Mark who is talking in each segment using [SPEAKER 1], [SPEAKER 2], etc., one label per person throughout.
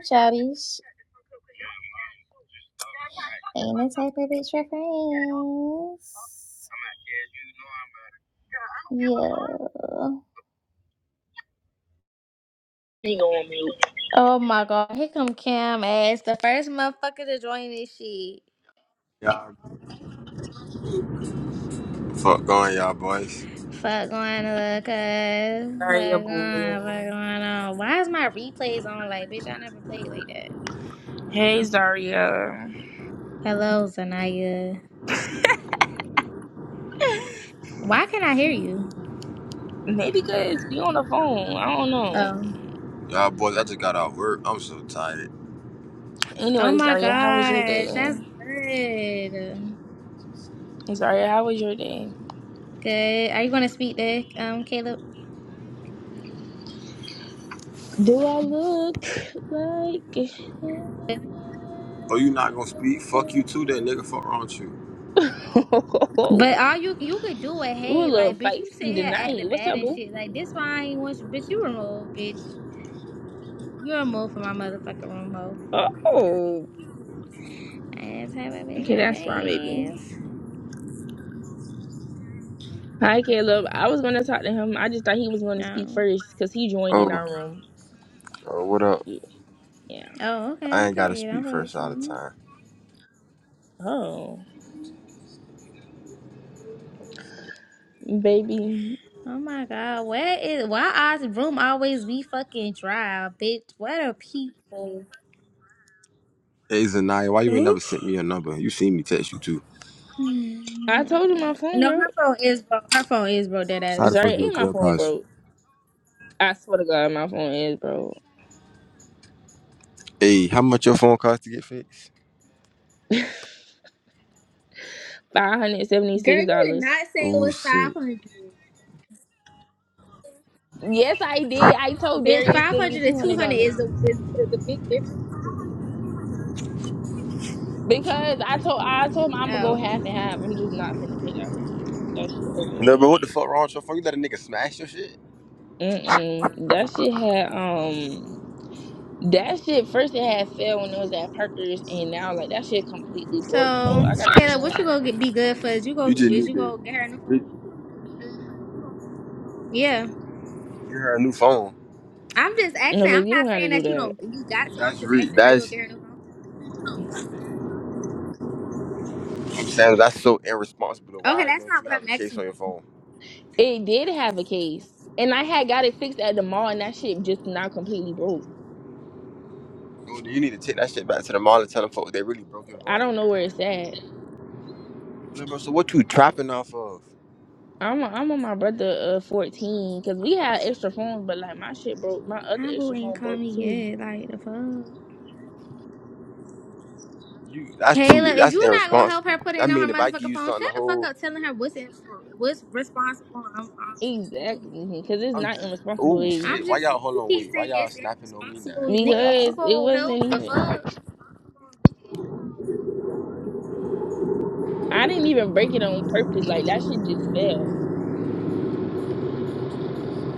[SPEAKER 1] Chubbies ain't the type of bitch for friends. Yeah. Oh my god, here come Cam ass, the first motherfucker to join this shit.
[SPEAKER 2] Y'all, fuck going, y'all boys.
[SPEAKER 1] Fuck going to look us.
[SPEAKER 3] Zaria,
[SPEAKER 1] Fuck going,
[SPEAKER 3] boo.
[SPEAKER 1] fuck going on. Why is my replays on? Like, bitch, I never played like that.
[SPEAKER 3] Hey, Zaria.
[SPEAKER 1] Hello, Zanaya. Why can not I hear you?
[SPEAKER 3] Maybe guys be on the phone. I don't know.
[SPEAKER 1] Oh.
[SPEAKER 2] Y'all boys, I just got out work. I'm so tired.
[SPEAKER 1] Oh
[SPEAKER 3] Anyway,
[SPEAKER 1] my
[SPEAKER 3] Zaria, how was your
[SPEAKER 1] gosh, that's
[SPEAKER 3] day?
[SPEAKER 1] good.
[SPEAKER 3] Zaria, how was your day?
[SPEAKER 1] Good. Are you gonna speak to um Caleb?
[SPEAKER 3] Do I look like?
[SPEAKER 2] Oh, you not gonna speak? Fuck you too, then nigga. Fuck wrong with you?
[SPEAKER 3] hell?
[SPEAKER 1] But all you you could do it,
[SPEAKER 3] you a
[SPEAKER 1] hey,
[SPEAKER 3] little
[SPEAKER 1] like bitch, you
[SPEAKER 3] feisty
[SPEAKER 1] sitting here acting
[SPEAKER 3] tonight. What's
[SPEAKER 1] bad
[SPEAKER 3] up,
[SPEAKER 1] and
[SPEAKER 3] boo?
[SPEAKER 1] shit. Like this why I ain't want you, bitch. You removed, bitch. You removed from my motherfucking room, ho.
[SPEAKER 3] Oh,
[SPEAKER 1] I didn't have a bitch for
[SPEAKER 3] okay, that's fine, baby.
[SPEAKER 1] friends.
[SPEAKER 3] Hi, Caleb. I was gonna talk to him. I just thought he was gonna speak
[SPEAKER 1] No.
[SPEAKER 3] first because he joined in
[SPEAKER 2] Oh,
[SPEAKER 3] our room.
[SPEAKER 2] oh, what up?
[SPEAKER 3] Yeah.
[SPEAKER 1] Oh,
[SPEAKER 2] I
[SPEAKER 1] okay.
[SPEAKER 2] ain't gotta
[SPEAKER 1] Period. I'm
[SPEAKER 2] speak
[SPEAKER 1] fucking
[SPEAKER 2] first all the
[SPEAKER 1] you.
[SPEAKER 2] time.
[SPEAKER 3] Oh. Baby,
[SPEAKER 1] Oh my god, where is why our room always be fucking dry, bitch? What are people?
[SPEAKER 2] Hey, Zanaya, why you ain't
[SPEAKER 1] Huh?
[SPEAKER 2] never sent me your number? You seen me text you too.
[SPEAKER 1] Hmm.
[SPEAKER 3] I told you my phone
[SPEAKER 1] no, her
[SPEAKER 3] broke.
[SPEAKER 1] phone is broke. Her phone is broke. Dead
[SPEAKER 2] So how the
[SPEAKER 1] ass.
[SPEAKER 3] Sorry,
[SPEAKER 2] fuck your
[SPEAKER 3] ain't my phone
[SPEAKER 2] clubhouse?
[SPEAKER 3] broke. I swear to God, my phone is broke.
[SPEAKER 2] Hey, how much your phone cost to get fixed?
[SPEAKER 3] Five hundred
[SPEAKER 1] Girl,
[SPEAKER 3] seventy-six
[SPEAKER 1] you did
[SPEAKER 3] dollars.
[SPEAKER 1] not say it
[SPEAKER 2] Oh
[SPEAKER 1] was five
[SPEAKER 2] shit.
[SPEAKER 1] hundred.
[SPEAKER 3] Yes, I did. I told
[SPEAKER 1] Bitch,
[SPEAKER 3] Darius
[SPEAKER 1] five
[SPEAKER 3] send me
[SPEAKER 1] hundred and
[SPEAKER 3] two
[SPEAKER 1] two
[SPEAKER 3] hundred
[SPEAKER 1] hundred is
[SPEAKER 3] dollars
[SPEAKER 1] the is, is the big difference. bitch.
[SPEAKER 3] because I told I told him I'm gonna go
[SPEAKER 1] Oh.
[SPEAKER 3] half and half. I'm just not finna pay that whole shit. That shit over
[SPEAKER 2] No, but
[SPEAKER 3] with.
[SPEAKER 2] what the fuck wrong with your phone? You let a nigga smash your shit?
[SPEAKER 3] Mm-mm. That shit had um. That shit first it had fell when it was at Parker's, and now like that shit completely broke. So
[SPEAKER 1] So,
[SPEAKER 3] I gotta get a new
[SPEAKER 1] Kayla, what you gonna
[SPEAKER 3] one.
[SPEAKER 1] get be good for? Is you
[SPEAKER 2] You
[SPEAKER 1] go
[SPEAKER 2] just
[SPEAKER 1] is
[SPEAKER 2] need
[SPEAKER 1] you gonna
[SPEAKER 2] to
[SPEAKER 1] get her a new
[SPEAKER 2] get
[SPEAKER 1] phone? Yeah.
[SPEAKER 2] her a new phone.
[SPEAKER 1] I'm just
[SPEAKER 3] No,
[SPEAKER 1] asking. I'm
[SPEAKER 3] baby, you
[SPEAKER 1] not
[SPEAKER 3] don't have to
[SPEAKER 1] saying
[SPEAKER 3] do
[SPEAKER 1] that you
[SPEAKER 3] that.
[SPEAKER 1] don't you got to. I'm
[SPEAKER 2] That's
[SPEAKER 1] just
[SPEAKER 2] re.
[SPEAKER 1] asking, are you gonna
[SPEAKER 2] That's
[SPEAKER 1] get her a new phone?
[SPEAKER 2] I'm saying that's so irresponsible.
[SPEAKER 1] Okay,
[SPEAKER 2] Why
[SPEAKER 1] that's
[SPEAKER 2] don't
[SPEAKER 1] not
[SPEAKER 2] you
[SPEAKER 1] what
[SPEAKER 2] have a
[SPEAKER 1] I'm
[SPEAKER 2] case
[SPEAKER 1] asking
[SPEAKER 2] on your
[SPEAKER 1] you.
[SPEAKER 2] phone?
[SPEAKER 3] It did have a case, and I had got it fixed at the mall, and that shit just not completely broke.
[SPEAKER 2] Dude, you need to take that shit back to the mall and tell them folks they really broke your
[SPEAKER 3] I
[SPEAKER 2] home.
[SPEAKER 3] don't know where it's at.
[SPEAKER 2] Look, bro, so what you trapping off of?
[SPEAKER 3] I'm I'm on my brother uh 14 because we had extra phones, but like my shit broke. My other
[SPEAKER 1] Humble
[SPEAKER 3] extra
[SPEAKER 1] ain't
[SPEAKER 3] phone
[SPEAKER 1] call
[SPEAKER 3] broke
[SPEAKER 1] me
[SPEAKER 3] too.
[SPEAKER 1] yet. Like the fuck.
[SPEAKER 2] You that's too
[SPEAKER 1] Kayla, if
[SPEAKER 2] that's
[SPEAKER 1] you not gonna help her
[SPEAKER 2] irresponsible.
[SPEAKER 1] put
[SPEAKER 2] I
[SPEAKER 1] it on her
[SPEAKER 2] mean if I give
[SPEAKER 1] motherfucking
[SPEAKER 2] you
[SPEAKER 1] phone,
[SPEAKER 2] something
[SPEAKER 1] shut
[SPEAKER 2] to
[SPEAKER 1] the fuck
[SPEAKER 2] hold,
[SPEAKER 1] up telling her what's in, what's responsible. I'm, I'm
[SPEAKER 3] Exactly, because it's
[SPEAKER 2] I'm
[SPEAKER 3] not
[SPEAKER 2] just
[SPEAKER 3] irresponsible,
[SPEAKER 2] oh
[SPEAKER 3] baby.
[SPEAKER 1] I'm
[SPEAKER 2] shit. Why
[SPEAKER 1] just saying
[SPEAKER 2] y'all hold
[SPEAKER 1] you
[SPEAKER 2] on
[SPEAKER 1] keep
[SPEAKER 2] wait? Why
[SPEAKER 1] saying
[SPEAKER 2] y'all
[SPEAKER 1] it's
[SPEAKER 2] snapping on me now?
[SPEAKER 1] irresponsible,
[SPEAKER 2] Why
[SPEAKER 1] nigga. Is you
[SPEAKER 2] y'all
[SPEAKER 3] Because it
[SPEAKER 1] gonna
[SPEAKER 3] wasn't
[SPEAKER 1] help the
[SPEAKER 3] even.
[SPEAKER 1] fuck?
[SPEAKER 3] I didn't even break it on purpose. Like that shit just fell.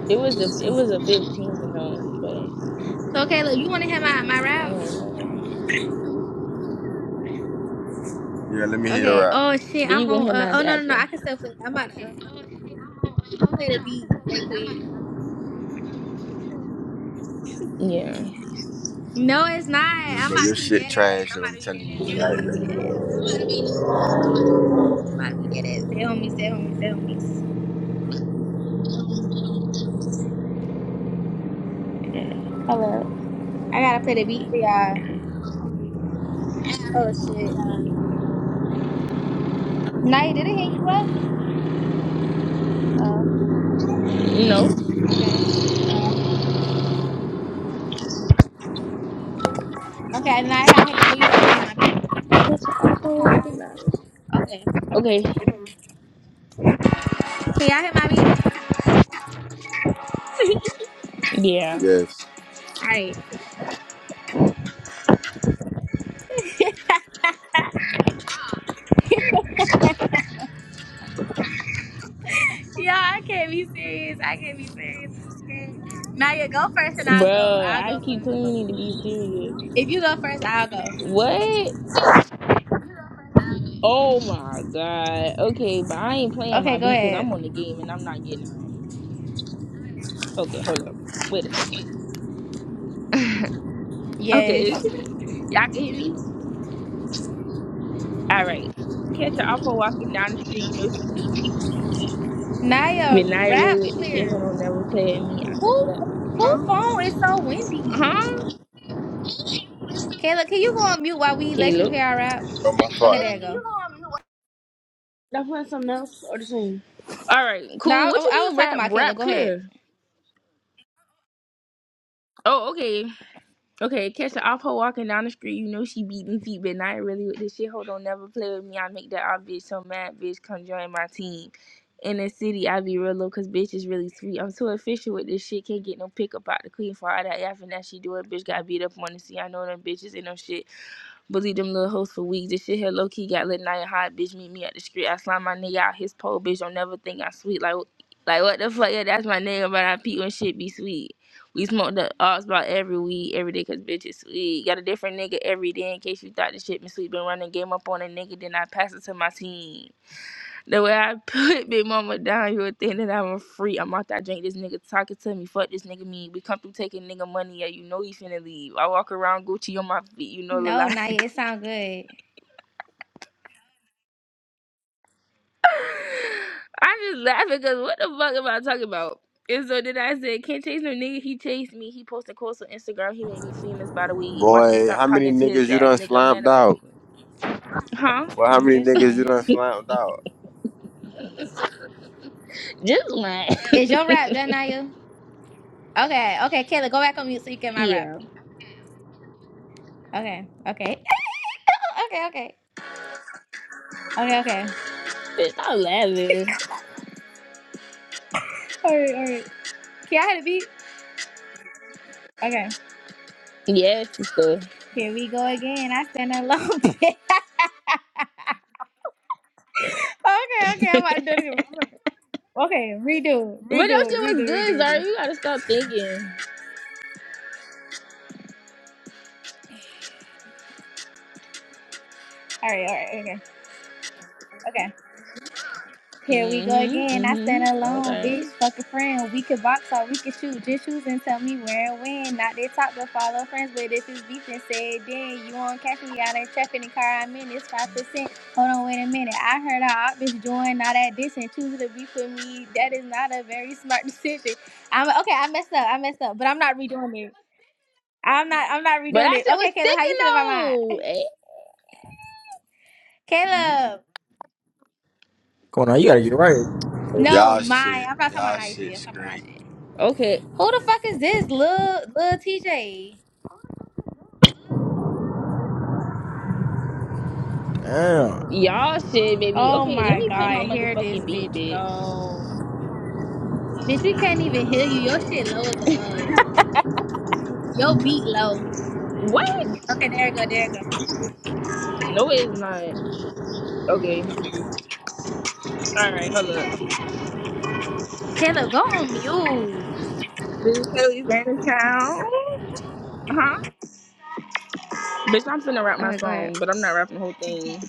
[SPEAKER 3] It was a it was a 15 you know. but
[SPEAKER 1] So Caleb, you want to hear my my
[SPEAKER 3] I
[SPEAKER 1] rap?
[SPEAKER 3] don't know.
[SPEAKER 2] Yeah, let me hear your
[SPEAKER 1] Okay.
[SPEAKER 2] rap.
[SPEAKER 1] Oh shit,
[SPEAKER 3] Then
[SPEAKER 1] I'm
[SPEAKER 3] you gonna
[SPEAKER 1] on.
[SPEAKER 3] hit
[SPEAKER 1] Uh,
[SPEAKER 3] mine
[SPEAKER 1] oh no no no, I
[SPEAKER 3] after?
[SPEAKER 1] can still play. I'm about to uh, play the beat right quick.
[SPEAKER 3] Yeah.
[SPEAKER 1] No, it's not.
[SPEAKER 2] Look,
[SPEAKER 1] I'm
[SPEAKER 2] bro,
[SPEAKER 1] about to
[SPEAKER 2] your
[SPEAKER 1] be
[SPEAKER 2] shit
[SPEAKER 1] dead ass.
[SPEAKER 2] trash
[SPEAKER 1] I'm
[SPEAKER 2] though,
[SPEAKER 1] about
[SPEAKER 2] I'm
[SPEAKER 1] to be
[SPEAKER 2] telling
[SPEAKER 1] dead ass.
[SPEAKER 2] you.
[SPEAKER 1] I'm about to be
[SPEAKER 2] Like,
[SPEAKER 1] dead ass. I'm about to be dead ass. Dead homies. Dead homies. Dead homies. Yeah. Hold up. I gotta play the beat for y'all. Oh shit. Night, did it hang you up? Oh.
[SPEAKER 3] No.
[SPEAKER 1] Okay. Okay. Now I gotta hang up on you so they can hear my beat.
[SPEAKER 3] Catch an offer
[SPEAKER 1] Okay.
[SPEAKER 3] Okay.
[SPEAKER 1] Can y'all hear my beat?
[SPEAKER 3] Yeah.
[SPEAKER 2] yes.
[SPEAKER 1] All right. Yeah, I can't be serious. I can't be serious. I'm scared. Naya, go first and I'll go.
[SPEAKER 3] bro.
[SPEAKER 1] I'll go
[SPEAKER 3] I keep
[SPEAKER 1] first. You
[SPEAKER 3] telling
[SPEAKER 1] go.
[SPEAKER 3] you need to be serious.
[SPEAKER 1] If you go first, I'll go.
[SPEAKER 3] What? Oh my god. Okay, but I ain't playing
[SPEAKER 1] Okay,
[SPEAKER 3] my
[SPEAKER 1] go
[SPEAKER 3] beat because
[SPEAKER 1] ahead.
[SPEAKER 3] I'm on the game and I'm not getting off. Okay, hold up. Wait a second. Okay.
[SPEAKER 1] Yes.
[SPEAKER 3] Y'all can hear me? All right. You Catch an alpha walking down the street. You know she beat them feet.
[SPEAKER 1] Naya,
[SPEAKER 3] But not really
[SPEAKER 1] rap
[SPEAKER 3] with the shit. Hold
[SPEAKER 1] clear.
[SPEAKER 3] on, never play at me. I
[SPEAKER 1] Who
[SPEAKER 3] know that.
[SPEAKER 1] who
[SPEAKER 3] Huh?
[SPEAKER 1] phone is so windy?
[SPEAKER 3] Huh?
[SPEAKER 1] Kayla, can you go on mute while we let you
[SPEAKER 3] Caleb.
[SPEAKER 1] hear our rap?
[SPEAKER 2] Oh my
[SPEAKER 1] Okay, there you
[SPEAKER 2] fault.
[SPEAKER 1] go.
[SPEAKER 3] All right.
[SPEAKER 1] No,
[SPEAKER 3] Cool. What you
[SPEAKER 1] I, I was
[SPEAKER 3] mean
[SPEAKER 1] talking
[SPEAKER 3] rap?
[SPEAKER 1] about Kayla.
[SPEAKER 3] Rap
[SPEAKER 1] Go ahead.
[SPEAKER 3] clear. Oh, okay. Okay, catch the off her walking down the street. You know she beating feet, but not really with this shit. Hold on, never play with me. I make that odd bitch so mad, bitch. Come join my team. In the city, I be real low, cause bitch is really sweet. I'm too efficient with this shit. Can't get no pickup out the queen for all that yapping that she do. It bitch got beat up on the scene. I know them bitches ain't no shit. Believe them little hoes for weeks. This shit here low key got lit. Night hot bitch meet me at the street. I slime my nigga out his pole, bitch. Don't never think I sweet. Like, like what the fuck? Yeah, that's my nigga, but I pee when shit be sweet. We smoke the odds about every weed, every day, cause bitch is sweet. Got a different nigga every day in case you thought this shit been sweet. Been running game up on a nigga, then I pass it to my team. The way I put Big Mama down, you would think that I'm a freak. I'm out there drink this nigga talking to me. Fuck this nigga mean. We come through taking nigga money, yeah, you know he finna leave. I walk around Gucci on my feet, you know the
[SPEAKER 1] No,
[SPEAKER 3] lie.
[SPEAKER 1] Naya, it sound good.
[SPEAKER 3] I'm just laughing because what the fuck am I talking about? And so then I said, can't chase no nigga. He chased me. He posted quotes on Instagram. He made me famous by the weed. Watch me
[SPEAKER 2] Boy,
[SPEAKER 3] stop
[SPEAKER 2] how many
[SPEAKER 3] talking to
[SPEAKER 2] niggas
[SPEAKER 3] his
[SPEAKER 2] you
[SPEAKER 3] ass,
[SPEAKER 2] done
[SPEAKER 3] nigga. Man
[SPEAKER 2] slammed
[SPEAKER 3] up at
[SPEAKER 2] out?
[SPEAKER 3] Huh?
[SPEAKER 2] Well, how
[SPEAKER 1] Mm,
[SPEAKER 2] many
[SPEAKER 1] Just
[SPEAKER 2] niggas you
[SPEAKER 1] one.
[SPEAKER 2] done slammed out?
[SPEAKER 3] Just one.
[SPEAKER 1] Is your rap done, Naya? Okay, okay, Kayla, go back on mute so you get my rap.
[SPEAKER 3] yeah.
[SPEAKER 1] Okay, okay. okay, okay. Okay, okay.
[SPEAKER 3] Bitch, stop laughing.
[SPEAKER 1] All right, all right. Can I have a beat? Okay.
[SPEAKER 3] Yes, sister.
[SPEAKER 1] Here we go again. I stand alone. okay, okay.
[SPEAKER 3] but
[SPEAKER 1] I'm about to do it again. Okay, redo,
[SPEAKER 3] that
[SPEAKER 1] redo,
[SPEAKER 3] shit
[SPEAKER 1] redo,
[SPEAKER 3] was
[SPEAKER 1] redo,
[SPEAKER 3] good, Zara.
[SPEAKER 1] redo.
[SPEAKER 3] You gotta stop thinking.
[SPEAKER 1] All right, all right, okay, okay. Here we go
[SPEAKER 3] Mm-hmm.
[SPEAKER 1] again. I stand
[SPEAKER 3] Mm-hmm.
[SPEAKER 1] alone,
[SPEAKER 3] Okay.
[SPEAKER 1] bitch. Fuck a friend. We could box or we could shoot. Just choose and tell me where and when. Not they talk but follow friends. But if it's beef and said then you won't catch me out in traffic. The car I'm in It's five percent. Hold on, wait a minute. I heard I op join all that this and choosing to be for me. That is not a very smart decision. I'm okay. I messed up. I messed up. But I'm not redoing it. I'm not. I'm not
[SPEAKER 3] But
[SPEAKER 1] redoing
[SPEAKER 3] that
[SPEAKER 1] it.
[SPEAKER 3] shit was
[SPEAKER 1] Okay, Caleb, how you
[SPEAKER 3] sticking
[SPEAKER 1] feel about mine?
[SPEAKER 3] though. Eh?
[SPEAKER 1] Caleb.
[SPEAKER 4] Going on, you gotta get right.
[SPEAKER 1] No,
[SPEAKER 2] Y'all
[SPEAKER 1] mine.
[SPEAKER 2] shit.
[SPEAKER 1] I'm not talking about
[SPEAKER 2] Y'all
[SPEAKER 1] my shit. I'm
[SPEAKER 2] shit's
[SPEAKER 1] talking about
[SPEAKER 2] great.
[SPEAKER 1] my shit.
[SPEAKER 3] Okay.
[SPEAKER 1] Who the fuck is this, Lil Lil TJ?
[SPEAKER 4] Damn.
[SPEAKER 3] Y'all shit, baby.
[SPEAKER 1] Oh
[SPEAKER 3] Okay, let
[SPEAKER 1] my
[SPEAKER 3] me play
[SPEAKER 1] god,
[SPEAKER 3] my
[SPEAKER 1] here this
[SPEAKER 3] motherfucking beat,
[SPEAKER 1] bitch go.
[SPEAKER 3] bitch.
[SPEAKER 1] Bitch, we can't even hear you. Your shit low as a fuck. Your beat low.
[SPEAKER 3] What?
[SPEAKER 1] Okay, there you go, there you go.
[SPEAKER 3] No, it's not. Okay. All right, hold up.
[SPEAKER 1] Caleb, go on mute.
[SPEAKER 3] Bitch, Haley's ran in town. Huh? Bitch, I'm finna rap my
[SPEAKER 1] Okay, go ahead.
[SPEAKER 3] song, but I'm not rapping the whole thing.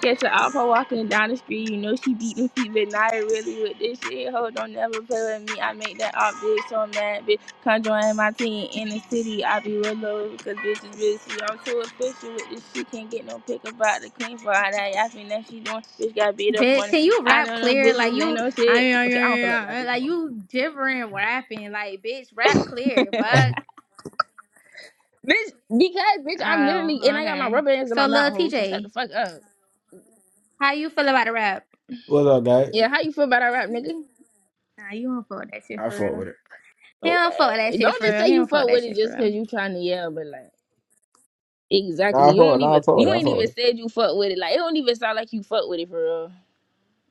[SPEAKER 3] Catch her out her walking down the street. You know she beat them feet, but not really with this shit. Ho, don't never play with me. I make that op bitch so mad, bitch. Come join my team in the city. I be real low because bitch is busy. I'm too official with this shit. Can't get no pick about the queen for all that yapping that she doing. Bitch got beat up
[SPEAKER 1] Bitch,
[SPEAKER 3] on it.
[SPEAKER 1] can you
[SPEAKER 3] I
[SPEAKER 1] rap
[SPEAKER 3] know them
[SPEAKER 1] clear? Like
[SPEAKER 3] bitches ain't
[SPEAKER 1] you,
[SPEAKER 3] no shit. Okay, I don't feel like
[SPEAKER 1] I
[SPEAKER 3] rapping no
[SPEAKER 1] like
[SPEAKER 3] more.
[SPEAKER 1] you gibbering rapping. Like bitch, rap clear. Fuck.
[SPEAKER 3] Bitch, because bitch, I'm
[SPEAKER 1] Oh,
[SPEAKER 3] literally and I got my
[SPEAKER 1] okay.
[SPEAKER 3] rubber bands in my
[SPEAKER 1] So,
[SPEAKER 3] mouth,
[SPEAKER 1] Lil
[SPEAKER 3] ho. So shut the
[SPEAKER 1] TJ,
[SPEAKER 3] fuck up.
[SPEAKER 1] how you feel about the rap?
[SPEAKER 4] What's up, guy?
[SPEAKER 3] Yeah, how you feel about that rap, nigga?
[SPEAKER 1] Nah, you don't fuck with that shit
[SPEAKER 4] I
[SPEAKER 1] for
[SPEAKER 4] fuck
[SPEAKER 1] real.
[SPEAKER 4] with it.
[SPEAKER 1] He don't fuck
[SPEAKER 3] Okay.
[SPEAKER 1] with that shit
[SPEAKER 3] Don't
[SPEAKER 1] for
[SPEAKER 3] just
[SPEAKER 1] real.
[SPEAKER 3] say
[SPEAKER 1] He
[SPEAKER 3] you
[SPEAKER 1] don't fuck with
[SPEAKER 3] fuck
[SPEAKER 1] that
[SPEAKER 3] with it
[SPEAKER 1] shit for
[SPEAKER 3] just
[SPEAKER 1] real.
[SPEAKER 3] because you trying to yell, but like
[SPEAKER 4] Nah, I
[SPEAKER 3] exactly.
[SPEAKER 4] fuck
[SPEAKER 3] You
[SPEAKER 4] with it.
[SPEAKER 3] don't
[SPEAKER 4] Nah, I
[SPEAKER 3] even
[SPEAKER 4] fuck with it.
[SPEAKER 3] you
[SPEAKER 4] I
[SPEAKER 3] ain't
[SPEAKER 4] fuck
[SPEAKER 3] even
[SPEAKER 4] with it.
[SPEAKER 3] said you fuck with it. Like it don't even sound like you fuck with it for real.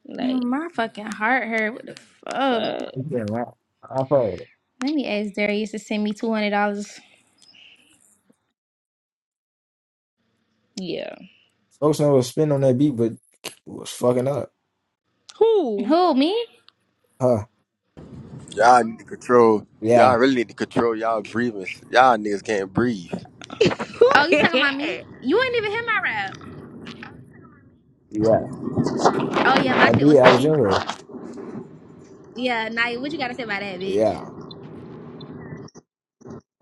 [SPEAKER 3] Like
[SPEAKER 1] Man, My fucking heart hurt. What the fuck?
[SPEAKER 3] fuck
[SPEAKER 4] You can't rap. I fuck with it.
[SPEAKER 1] Let me ask Darius to send me two hundred dollars.
[SPEAKER 3] yeah.
[SPEAKER 4] Folks know was spin on that beat, but was fucking up.
[SPEAKER 3] Who
[SPEAKER 1] Who me?
[SPEAKER 4] Huh.
[SPEAKER 2] Y'all need to control. Y'all
[SPEAKER 4] Yeah.
[SPEAKER 2] really need to control y'all breathing. Y'all niggas can't breathe.
[SPEAKER 3] who
[SPEAKER 1] Oh, you
[SPEAKER 3] can
[SPEAKER 1] talking about me? You ain't even hear my rap.
[SPEAKER 4] Yeah.
[SPEAKER 1] Oh yeah, my
[SPEAKER 4] That
[SPEAKER 1] shit
[SPEAKER 4] beat
[SPEAKER 1] was
[SPEAKER 4] I was
[SPEAKER 1] sticking.
[SPEAKER 4] in with.
[SPEAKER 1] Yeah, Naya, what you gotta say about that, bitch?
[SPEAKER 4] Yeah.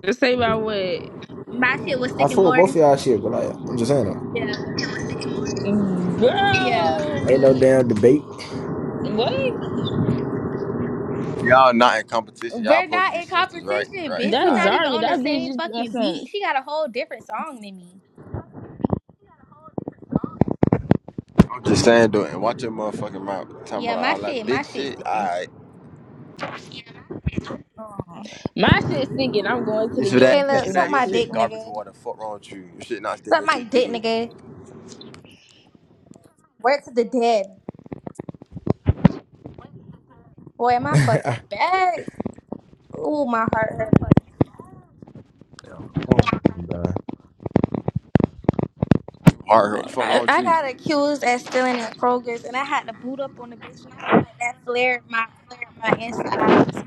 [SPEAKER 3] Just say about what
[SPEAKER 1] My shit was
[SPEAKER 4] I
[SPEAKER 1] sticking
[SPEAKER 4] fuck with
[SPEAKER 1] more.
[SPEAKER 4] both of y'all shit, but like, I'm just saying though.
[SPEAKER 1] Yeah, yeah.
[SPEAKER 3] girl?
[SPEAKER 4] Ain't no
[SPEAKER 3] um,
[SPEAKER 4] damn debate.
[SPEAKER 3] What?
[SPEAKER 2] Y'all not in competition. Y'all
[SPEAKER 1] We're
[SPEAKER 2] supposed to
[SPEAKER 1] not
[SPEAKER 2] be
[SPEAKER 1] in
[SPEAKER 2] sisters, right?
[SPEAKER 1] competition,
[SPEAKER 2] Right.
[SPEAKER 1] bitch. We
[SPEAKER 2] All
[SPEAKER 3] That's
[SPEAKER 1] not
[SPEAKER 2] right.
[SPEAKER 1] even
[SPEAKER 3] Zarya.
[SPEAKER 1] on the
[SPEAKER 3] That bitch
[SPEAKER 1] same
[SPEAKER 3] just on
[SPEAKER 1] fucking
[SPEAKER 3] some.
[SPEAKER 1] beat. She got a whole different song than me.
[SPEAKER 2] I'm just saying, though, and watch your motherfucking mouth. Talking
[SPEAKER 1] Yeah,
[SPEAKER 2] about
[SPEAKER 1] my
[SPEAKER 2] all that
[SPEAKER 1] shit, my
[SPEAKER 2] bitch
[SPEAKER 1] shit
[SPEAKER 2] shit.
[SPEAKER 1] sticking.
[SPEAKER 2] All right.
[SPEAKER 1] Aw.
[SPEAKER 3] My shit's thinking I'm going to the
[SPEAKER 2] This for
[SPEAKER 3] yard
[SPEAKER 2] that.
[SPEAKER 3] and
[SPEAKER 2] This
[SPEAKER 1] Caleb,
[SPEAKER 2] for
[SPEAKER 3] putting
[SPEAKER 1] suck
[SPEAKER 3] my
[SPEAKER 2] that. Your
[SPEAKER 1] my
[SPEAKER 3] shit.
[SPEAKER 2] shit
[SPEAKER 1] dick,
[SPEAKER 2] garbage
[SPEAKER 1] nigga.
[SPEAKER 2] water. Fuck wrong with you. Your shit not stinking.
[SPEAKER 1] Suck
[SPEAKER 2] Your
[SPEAKER 1] my
[SPEAKER 2] shit doo
[SPEAKER 1] dick,
[SPEAKER 2] doo.
[SPEAKER 1] nigga. Word to the dead. Boy, am I fucking
[SPEAKER 4] yeah.
[SPEAKER 1] back. Ooh, my heart hurt.
[SPEAKER 4] Oh, God.
[SPEAKER 2] Hard hurt. Fuck wrong
[SPEAKER 1] I,
[SPEAKER 2] with
[SPEAKER 1] I
[SPEAKER 2] you.
[SPEAKER 1] got accused at stealing at Kroger's, and I had to boot up on the bitch, and I feel like that flared my flared my insides.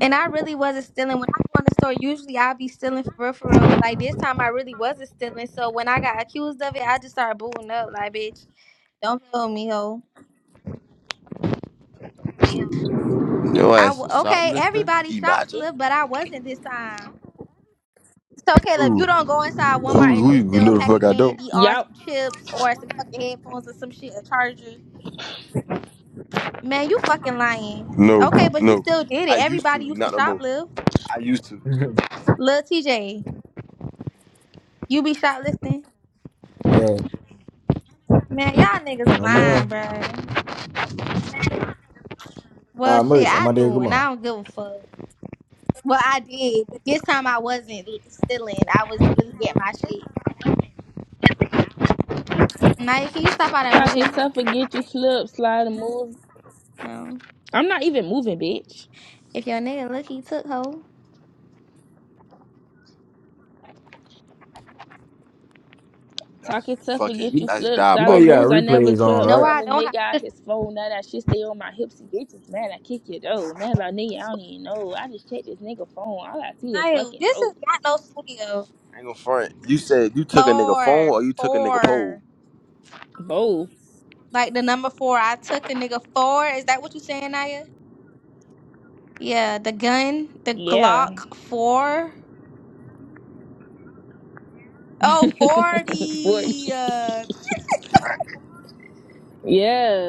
[SPEAKER 1] And I really wasn't stealing. When I go in the store, usually I be stealing for real, for real. But like this time, I really wasn't stealing. So when I got accused of it, I just started booting up. Like, bitch, don't tell me, ho.
[SPEAKER 2] Your
[SPEAKER 1] I
[SPEAKER 2] ass
[SPEAKER 1] w-
[SPEAKER 2] a
[SPEAKER 1] okay,
[SPEAKER 2] shoplifter.
[SPEAKER 1] everybody shops
[SPEAKER 2] Imagine.
[SPEAKER 1] live, but I wasn't this time. So Caleb, you
[SPEAKER 2] Who?
[SPEAKER 1] don't go inside
[SPEAKER 2] Who?
[SPEAKER 1] Walmart and
[SPEAKER 2] Who? You
[SPEAKER 1] just steal a
[SPEAKER 2] know the
[SPEAKER 1] pack
[SPEAKER 2] fuck
[SPEAKER 1] of
[SPEAKER 2] I don't.
[SPEAKER 1] candy or
[SPEAKER 3] Yup.
[SPEAKER 1] some chips or some fucking headphones or some shit, a charger. Man, you fucking lying.
[SPEAKER 2] No.
[SPEAKER 1] Okay, but you
[SPEAKER 2] No.
[SPEAKER 1] still did
[SPEAKER 2] I
[SPEAKER 1] it.
[SPEAKER 2] used
[SPEAKER 1] Everybody
[SPEAKER 2] to.
[SPEAKER 1] used to
[SPEAKER 2] Not no more.
[SPEAKER 1] shoplift.
[SPEAKER 2] I used to.
[SPEAKER 1] Lil TJ, you be shoplifting?
[SPEAKER 4] Yeah.
[SPEAKER 1] Man, y'all niggas
[SPEAKER 4] No,
[SPEAKER 1] blind,
[SPEAKER 4] man.
[SPEAKER 1] bruh. Well,
[SPEAKER 4] Nah,
[SPEAKER 1] shit,
[SPEAKER 4] merch on
[SPEAKER 1] I
[SPEAKER 4] my dead
[SPEAKER 1] do, and I
[SPEAKER 4] grandma.
[SPEAKER 1] don't give a fuck. Well, I did, but this time I wasn't l- stealing. I was really getting my shit. Naya, can you stop all that
[SPEAKER 3] Talking
[SPEAKER 1] moving?
[SPEAKER 3] tough and get you flipped, slide and move.
[SPEAKER 1] No.
[SPEAKER 3] I'm not even moving, bitch.
[SPEAKER 1] If your nigga look, he took hoe.
[SPEAKER 2] That's
[SPEAKER 3] Talking tough and get
[SPEAKER 2] fucking.
[SPEAKER 3] you
[SPEAKER 4] You,
[SPEAKER 2] That's
[SPEAKER 3] flipped.
[SPEAKER 4] you know
[SPEAKER 3] Silent
[SPEAKER 4] you got
[SPEAKER 3] moves,
[SPEAKER 2] diabolical.
[SPEAKER 3] I never
[SPEAKER 4] replays on,
[SPEAKER 3] trip.
[SPEAKER 1] No,
[SPEAKER 3] Slime
[SPEAKER 1] I
[SPEAKER 3] the
[SPEAKER 1] don't have
[SPEAKER 3] nigga out
[SPEAKER 1] to
[SPEAKER 3] his phone. Now that shit stay on my hips. And Bitches, man, I kick it though. Man, about nigga, I don't even know. I just checked this nigga phone. All I see is
[SPEAKER 1] smile.
[SPEAKER 3] fucking
[SPEAKER 1] This is
[SPEAKER 3] hoes.
[SPEAKER 1] not no studio.
[SPEAKER 2] I ain't gonna front. You said you took a nigga phone
[SPEAKER 1] Four.
[SPEAKER 2] or you took a nigga
[SPEAKER 1] Four.
[SPEAKER 2] pole.
[SPEAKER 3] Both.
[SPEAKER 1] Like the number four. I took a nigga four. Is that what you saying, Naya? Yeah, the gun, the
[SPEAKER 3] Yeah.
[SPEAKER 1] Glock 4. Oh,
[SPEAKER 3] 40.
[SPEAKER 1] forty. 40. Uh,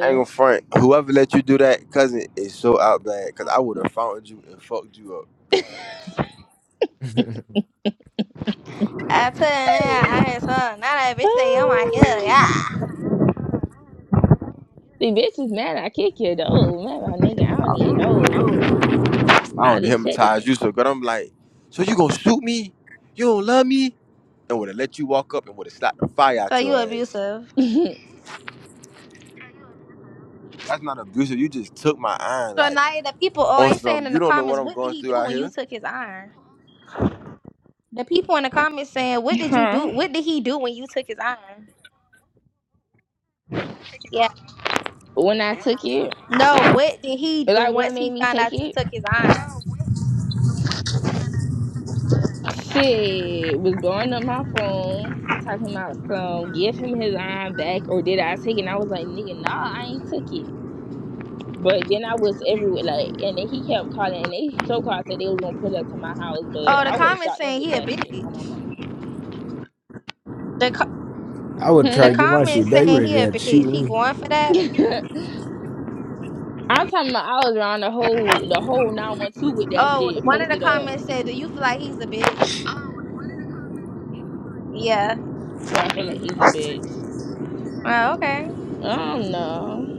[SPEAKER 2] I ain't gonna front. Whoever let you do that, cousin, is so out bad. Cause I would have found you and fucked you up.
[SPEAKER 4] right?
[SPEAKER 1] I put it in there. I had some. Now that bitch say, oh my god, yeah.
[SPEAKER 3] Oh. The bitches, man, I kick it though. Man, about nigga, I don't
[SPEAKER 1] Oh.
[SPEAKER 3] even know.
[SPEAKER 2] I
[SPEAKER 3] I
[SPEAKER 2] would
[SPEAKER 3] just checked
[SPEAKER 2] hypnotize you so good. I'm like, so you gonna shoot me? You don't love me? And would have let you walk up and would have slapped the fire
[SPEAKER 1] So
[SPEAKER 2] out
[SPEAKER 1] you
[SPEAKER 2] your ass.
[SPEAKER 1] abusive.
[SPEAKER 3] it.
[SPEAKER 2] That's not abusive. You just took my iron
[SPEAKER 1] So
[SPEAKER 2] like
[SPEAKER 1] now the people, oh,
[SPEAKER 2] on
[SPEAKER 1] they saying
[SPEAKER 2] some.
[SPEAKER 1] in the
[SPEAKER 2] You don't know
[SPEAKER 1] comments,
[SPEAKER 2] what I'm
[SPEAKER 1] what did
[SPEAKER 2] going
[SPEAKER 1] he
[SPEAKER 2] through
[SPEAKER 1] do
[SPEAKER 2] out
[SPEAKER 1] when you
[SPEAKER 2] here.
[SPEAKER 1] took his iron? The people in the comments saying, what did you do?
[SPEAKER 3] huh?
[SPEAKER 1] What did he do when you took his iron? Yeah.
[SPEAKER 3] When I took it,
[SPEAKER 1] No, what did he do
[SPEAKER 3] like what
[SPEAKER 1] once he
[SPEAKER 3] made me
[SPEAKER 1] found
[SPEAKER 3] take
[SPEAKER 1] out you
[SPEAKER 3] it?
[SPEAKER 1] took his iron?
[SPEAKER 3] Shit was blowing up my phone, talking about some give him his iron back or did I take it? And I was like, nigga, nah, I ain't took it. But then I was everywhere, like, and then he kept calling, and they so called said they was gonna pull up to my house, but
[SPEAKER 1] Oh, the
[SPEAKER 3] I would have
[SPEAKER 1] comments
[SPEAKER 3] shot them
[SPEAKER 1] saying
[SPEAKER 3] with
[SPEAKER 1] he a
[SPEAKER 3] that shit on my
[SPEAKER 1] bitch.
[SPEAKER 3] mama.
[SPEAKER 1] The co-
[SPEAKER 4] I would try
[SPEAKER 1] the
[SPEAKER 4] to
[SPEAKER 3] Hmm.
[SPEAKER 4] get my
[SPEAKER 1] comments
[SPEAKER 4] shit back. You
[SPEAKER 1] saying
[SPEAKER 4] would have
[SPEAKER 1] he a
[SPEAKER 4] had to
[SPEAKER 1] bitch.
[SPEAKER 4] shoot
[SPEAKER 1] He
[SPEAKER 4] me.
[SPEAKER 1] going for that.
[SPEAKER 3] I'm talking about I was around the whole the whole nine one two with that
[SPEAKER 1] Oh,
[SPEAKER 3] shit
[SPEAKER 1] one of the
[SPEAKER 3] posted up.
[SPEAKER 1] comments said, "Do you feel like he's a bitch?" Yeah.
[SPEAKER 3] Do I feel like he's a bitch?
[SPEAKER 1] Well, okay.
[SPEAKER 3] I don't know.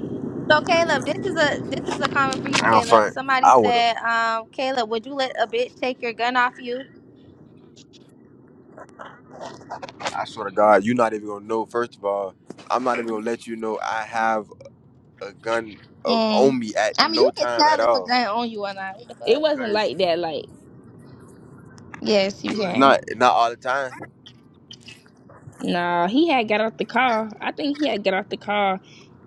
[SPEAKER 1] So Caleb, this is a this is a comment for
[SPEAKER 2] I ain't
[SPEAKER 1] you,
[SPEAKER 2] gonna
[SPEAKER 1] Caleb.
[SPEAKER 2] front.
[SPEAKER 1] Somebody
[SPEAKER 2] I would have.
[SPEAKER 1] said, um, Caleb, would you let a bitch take your gun off you?
[SPEAKER 2] I swear to God, you're not even gonna know. First of all, I'm not even gonna let you know I have. a gun of,
[SPEAKER 1] Mm.
[SPEAKER 2] on me at
[SPEAKER 1] I mean, you
[SPEAKER 2] no
[SPEAKER 1] can
[SPEAKER 2] time at
[SPEAKER 1] tell if a
[SPEAKER 2] all.
[SPEAKER 1] gun on you or not. What the
[SPEAKER 3] It
[SPEAKER 1] fuck?
[SPEAKER 3] wasn't
[SPEAKER 2] Cause
[SPEAKER 3] like that. Like
[SPEAKER 1] Yes, you
[SPEAKER 2] so it's
[SPEAKER 1] can.
[SPEAKER 2] not not all the time.
[SPEAKER 3] Nah, he had got out the car. I think he had got out the car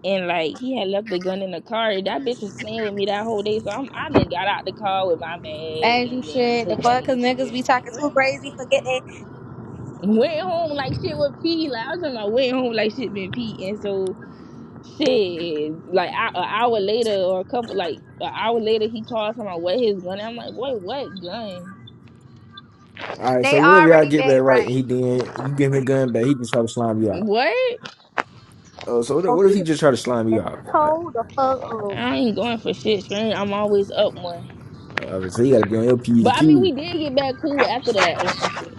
[SPEAKER 3] and like he had left the gun in the car. That bitch was playing with me that whole day. So I'm I done got out the car with my bag
[SPEAKER 1] As you
[SPEAKER 3] and then
[SPEAKER 1] should. The
[SPEAKER 3] took that
[SPEAKER 1] fuck, cause
[SPEAKER 3] nigga
[SPEAKER 1] niggas be
[SPEAKER 3] shit.
[SPEAKER 1] talking too crazy for getting it.
[SPEAKER 3] Went home like shit with pee. Like I was talking about went home like shit been pee. And so shit, like an hour later or a couple like an hour later he called talking about what his gun. I'm like, boy, what gun?
[SPEAKER 4] All right,
[SPEAKER 1] They
[SPEAKER 4] so whenever y'all
[SPEAKER 1] already
[SPEAKER 4] get
[SPEAKER 1] bet
[SPEAKER 4] back right, and he
[SPEAKER 1] right.
[SPEAKER 4] then you give him the gun back, he just try to slime you out.
[SPEAKER 3] What?
[SPEAKER 4] Oh, so what if,
[SPEAKER 1] Oh,
[SPEAKER 4] what if
[SPEAKER 1] he
[SPEAKER 4] he
[SPEAKER 1] was
[SPEAKER 4] just try to slime you
[SPEAKER 1] just
[SPEAKER 4] out? Like,
[SPEAKER 1] told the fuck up.
[SPEAKER 3] I ain't going for shit, screen. I'm always up one.
[SPEAKER 4] uh, so you got to be on your P's
[SPEAKER 3] But
[SPEAKER 4] and
[SPEAKER 3] I mean,
[SPEAKER 4] Q's,
[SPEAKER 3] we did get back cool after that or some shit.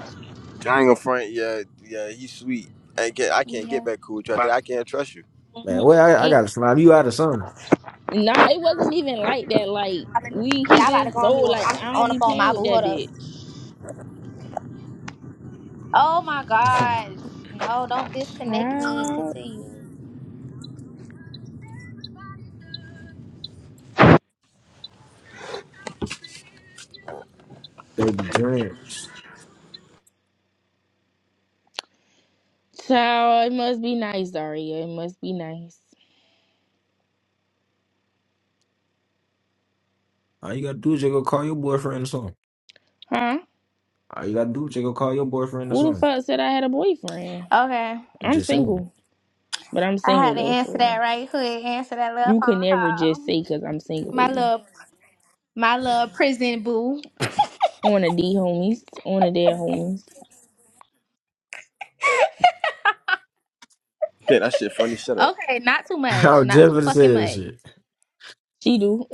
[SPEAKER 2] I ain't gonna front. Yeah, yeah, he's sweet. I can't, I can't get
[SPEAKER 1] Yeah.
[SPEAKER 2] back cool with you after that. I can't trust you.
[SPEAKER 4] man.
[SPEAKER 1] Mhm.
[SPEAKER 4] Well, I, I
[SPEAKER 3] And
[SPEAKER 4] got to slime you out or something,
[SPEAKER 3] nah, it wasn't even like that. Like we, he
[SPEAKER 1] Y'all about to go
[SPEAKER 3] just know.
[SPEAKER 1] on me? Well,
[SPEAKER 3] Like
[SPEAKER 1] I'm
[SPEAKER 3] I don't
[SPEAKER 1] on the
[SPEAKER 3] be
[SPEAKER 1] phone. My
[SPEAKER 3] playing with
[SPEAKER 1] boo.
[SPEAKER 3] that
[SPEAKER 1] Hold up.
[SPEAKER 3] bitch.
[SPEAKER 1] Oh my gosh. No, don't disconnect me.
[SPEAKER 3] Child,
[SPEAKER 1] Continue.
[SPEAKER 4] baby. Dreams.
[SPEAKER 3] child, it must be nice, Daria. It must be nice,
[SPEAKER 4] All you got to do is just go call your boyfriend or something.
[SPEAKER 3] huh?
[SPEAKER 4] All you got to do is just go call your boyfriend or
[SPEAKER 3] Who the
[SPEAKER 4] something.
[SPEAKER 3] fuck said I had a boyfriend?
[SPEAKER 1] Okay.
[SPEAKER 4] I'm
[SPEAKER 3] I'm
[SPEAKER 4] just saying.
[SPEAKER 3] single, but I'm
[SPEAKER 1] I had
[SPEAKER 3] single
[SPEAKER 1] to
[SPEAKER 3] though,
[SPEAKER 1] answer that
[SPEAKER 3] so
[SPEAKER 1] right quick. Answer that little
[SPEAKER 3] you could
[SPEAKER 1] phone
[SPEAKER 3] never
[SPEAKER 1] call.
[SPEAKER 3] just say because I'm single,
[SPEAKER 1] My
[SPEAKER 3] baby.
[SPEAKER 1] little my little prison boo.
[SPEAKER 3] On a D homies, on a dead homies.
[SPEAKER 2] Shit, that shit funny. Shut up.
[SPEAKER 1] Okay, not too
[SPEAKER 4] I
[SPEAKER 1] much.
[SPEAKER 4] was
[SPEAKER 1] Not
[SPEAKER 4] just
[SPEAKER 1] too
[SPEAKER 4] gonna say
[SPEAKER 1] fucking
[SPEAKER 4] that
[SPEAKER 1] much.
[SPEAKER 4] shit.
[SPEAKER 3] She do.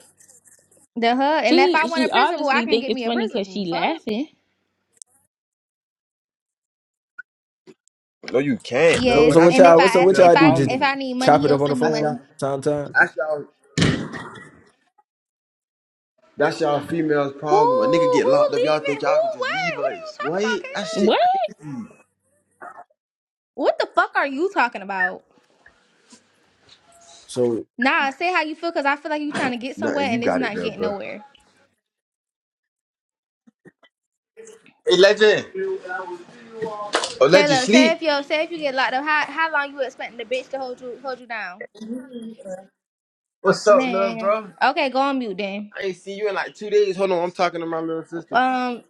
[SPEAKER 1] The huh? And if I
[SPEAKER 3] She
[SPEAKER 1] want a
[SPEAKER 3] she
[SPEAKER 1] prison boo, I
[SPEAKER 3] obviously
[SPEAKER 1] can
[SPEAKER 3] think
[SPEAKER 1] get
[SPEAKER 3] it's
[SPEAKER 1] me a
[SPEAKER 3] funny
[SPEAKER 1] prison
[SPEAKER 3] because
[SPEAKER 1] boo.
[SPEAKER 3] she
[SPEAKER 1] Fuck.
[SPEAKER 3] laughing.
[SPEAKER 2] No, you can't, no.
[SPEAKER 4] So,
[SPEAKER 2] But
[SPEAKER 4] so
[SPEAKER 1] Yes.
[SPEAKER 4] what
[SPEAKER 2] that's
[SPEAKER 1] And if
[SPEAKER 4] y'all,
[SPEAKER 2] y'all
[SPEAKER 4] what so
[SPEAKER 1] I ask
[SPEAKER 4] what
[SPEAKER 2] female
[SPEAKER 1] if
[SPEAKER 4] y'all do?
[SPEAKER 1] I
[SPEAKER 4] Just
[SPEAKER 1] if
[SPEAKER 2] problem.
[SPEAKER 1] I need money,
[SPEAKER 4] chop it
[SPEAKER 1] he'll
[SPEAKER 4] up on the
[SPEAKER 1] send me
[SPEAKER 2] That's y'all.
[SPEAKER 1] money.
[SPEAKER 4] phone, time, time.
[SPEAKER 2] That's y'all. That's y'all females'
[SPEAKER 1] Who
[SPEAKER 2] problem. A nigga get
[SPEAKER 1] who
[SPEAKER 2] locked up. Y'all
[SPEAKER 1] leaving?
[SPEAKER 2] think
[SPEAKER 1] Who
[SPEAKER 2] y'all can just
[SPEAKER 1] what?
[SPEAKER 2] leave
[SPEAKER 1] What are
[SPEAKER 2] us?
[SPEAKER 1] you talking
[SPEAKER 2] What?
[SPEAKER 1] about,
[SPEAKER 2] That
[SPEAKER 1] Caleb?
[SPEAKER 3] What?
[SPEAKER 2] shit. cra-
[SPEAKER 1] What the fuck are you talking about?
[SPEAKER 4] So,
[SPEAKER 1] Nah, say how you feel because I feel like you trying to get somewhere
[SPEAKER 2] Nothing. You
[SPEAKER 1] and it's
[SPEAKER 2] got it,
[SPEAKER 1] not
[SPEAKER 2] though,
[SPEAKER 1] getting
[SPEAKER 2] bro.
[SPEAKER 1] nowhere.
[SPEAKER 2] Hey, legend. Oh, legend,
[SPEAKER 1] Caleb, say
[SPEAKER 2] sleep.
[SPEAKER 1] if yo, say if you get locked up, how how long you expecting the bitch to hold you hold you down?
[SPEAKER 2] What's up, love,
[SPEAKER 1] Man.
[SPEAKER 2] bro?
[SPEAKER 1] Okay, go on mute then.
[SPEAKER 2] I ain't seen you in like two days. Hold on, I'm talking to my little sister.
[SPEAKER 1] Um,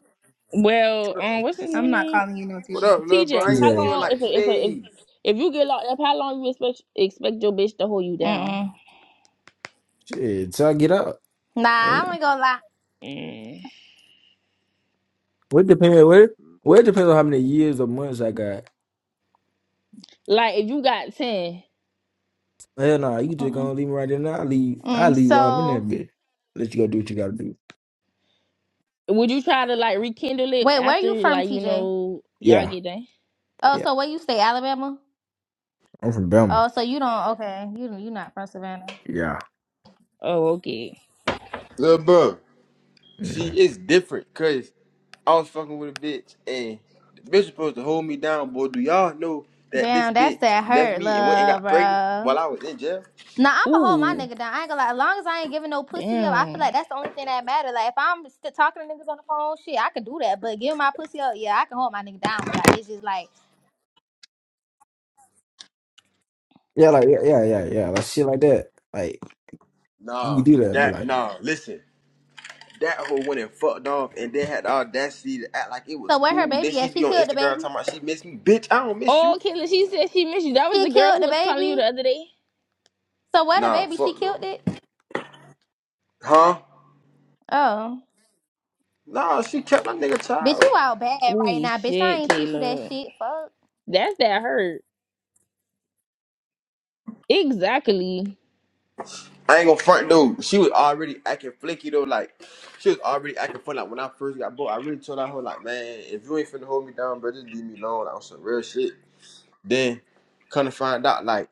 [SPEAKER 3] Well,
[SPEAKER 2] What
[SPEAKER 3] um, what's his
[SPEAKER 1] I'm not
[SPEAKER 3] name?
[SPEAKER 1] calling you no
[SPEAKER 2] What
[SPEAKER 1] TJ.
[SPEAKER 2] up, little bro? I
[SPEAKER 3] TJ,
[SPEAKER 4] he's
[SPEAKER 2] ain't
[SPEAKER 3] how
[SPEAKER 2] seen
[SPEAKER 4] a
[SPEAKER 2] you in
[SPEAKER 3] long if
[SPEAKER 2] like two
[SPEAKER 3] if if
[SPEAKER 2] days.
[SPEAKER 3] if you get locked up, how long you expect expect your bitch to hold you down?
[SPEAKER 1] Mm-mm.
[SPEAKER 4] shit. So I get up.
[SPEAKER 1] Nah,
[SPEAKER 4] Hey,
[SPEAKER 1] I ain't gonna lie.
[SPEAKER 3] Mm.
[SPEAKER 4] What depends. where? well, it depends on how many years or months I got.
[SPEAKER 3] Like if you got ten,
[SPEAKER 4] Hell nah, you just gonna leave me right there. Now I leave. I
[SPEAKER 1] Mm,
[SPEAKER 4] leave while I'm in that
[SPEAKER 1] so
[SPEAKER 4] bitch. Let you go do what you gotta do.
[SPEAKER 3] would you try to like rekindle it
[SPEAKER 1] wait, where
[SPEAKER 3] after
[SPEAKER 1] you from,
[SPEAKER 3] like you
[SPEAKER 1] TJ?
[SPEAKER 3] know y'all
[SPEAKER 4] Yeah,
[SPEAKER 3] get done?
[SPEAKER 1] Oh,
[SPEAKER 4] yeah.
[SPEAKER 1] so where you stay, Alabama?
[SPEAKER 4] I'm from Belmar.
[SPEAKER 1] Oh, so you don't okay. You you not from Savannah.
[SPEAKER 4] Yeah.
[SPEAKER 3] Oh okay.
[SPEAKER 2] Little bro, See,
[SPEAKER 4] hmm
[SPEAKER 2] it's different, cause I was fucking with a bitch and the bitch was supposed to hold me down, boy. Do y'all know that this
[SPEAKER 1] Damn, that's
[SPEAKER 2] bitch
[SPEAKER 1] that
[SPEAKER 2] left
[SPEAKER 1] hurt,
[SPEAKER 2] me and went and
[SPEAKER 1] love,
[SPEAKER 2] got pregnant
[SPEAKER 1] bro.
[SPEAKER 2] while I was in jail?
[SPEAKER 1] Nah, I'ma hold my
[SPEAKER 3] Ooh
[SPEAKER 1] nigga down. I ain't gonna lie. As long as I ain't giving no pussy up, I feel
[SPEAKER 3] damn.
[SPEAKER 1] like that's the only thing that matter. Like if I'm still talking to niggas on the phone, shit, I can do that. But giving my pussy up, yeah, I can hold my nigga down. But like it's just like
[SPEAKER 4] Yeah, like yeah, yeah, yeah, yeah. Like shit like that. Like you could
[SPEAKER 2] Nah,
[SPEAKER 4] do that, but
[SPEAKER 2] that
[SPEAKER 4] like
[SPEAKER 2] nah, listen. That hoe went and fucked off and then had the audacity to act like it was
[SPEAKER 1] so where her
[SPEAKER 2] cool. Then
[SPEAKER 1] baby
[SPEAKER 2] she
[SPEAKER 1] at? She
[SPEAKER 2] be on
[SPEAKER 1] killed the
[SPEAKER 2] Instagram
[SPEAKER 1] baby.
[SPEAKER 2] talking about she miss me. Bitch, I don't miss you.
[SPEAKER 3] Oh Kayla, she said she missed you. That was
[SPEAKER 1] She
[SPEAKER 3] the girl
[SPEAKER 1] killed
[SPEAKER 3] who
[SPEAKER 1] the
[SPEAKER 3] was calling you
[SPEAKER 1] baby.
[SPEAKER 3] the other day.
[SPEAKER 1] So where the
[SPEAKER 2] Nah,
[SPEAKER 1] baby? She
[SPEAKER 2] fuck no.
[SPEAKER 1] killed it.
[SPEAKER 2] Huh?
[SPEAKER 1] Oh.
[SPEAKER 2] Nah, she kept my nigga
[SPEAKER 1] Bitch,
[SPEAKER 2] child.
[SPEAKER 1] you out bad right
[SPEAKER 3] Ooh
[SPEAKER 1] now, bitch. I
[SPEAKER 3] shit,
[SPEAKER 1] ain't teach you that
[SPEAKER 3] Kayla.
[SPEAKER 1] shit. Fuck.
[SPEAKER 3] That's that hurt. Exactly.
[SPEAKER 2] I ain't gonna front dude. She was already acting flaky though, like she was already acting funny. Like when I first got booked, I really told her, I was like, man, if you ain't finna hold me down, bro, just leave me alone. Like, on some real shit. Then come to find out, like,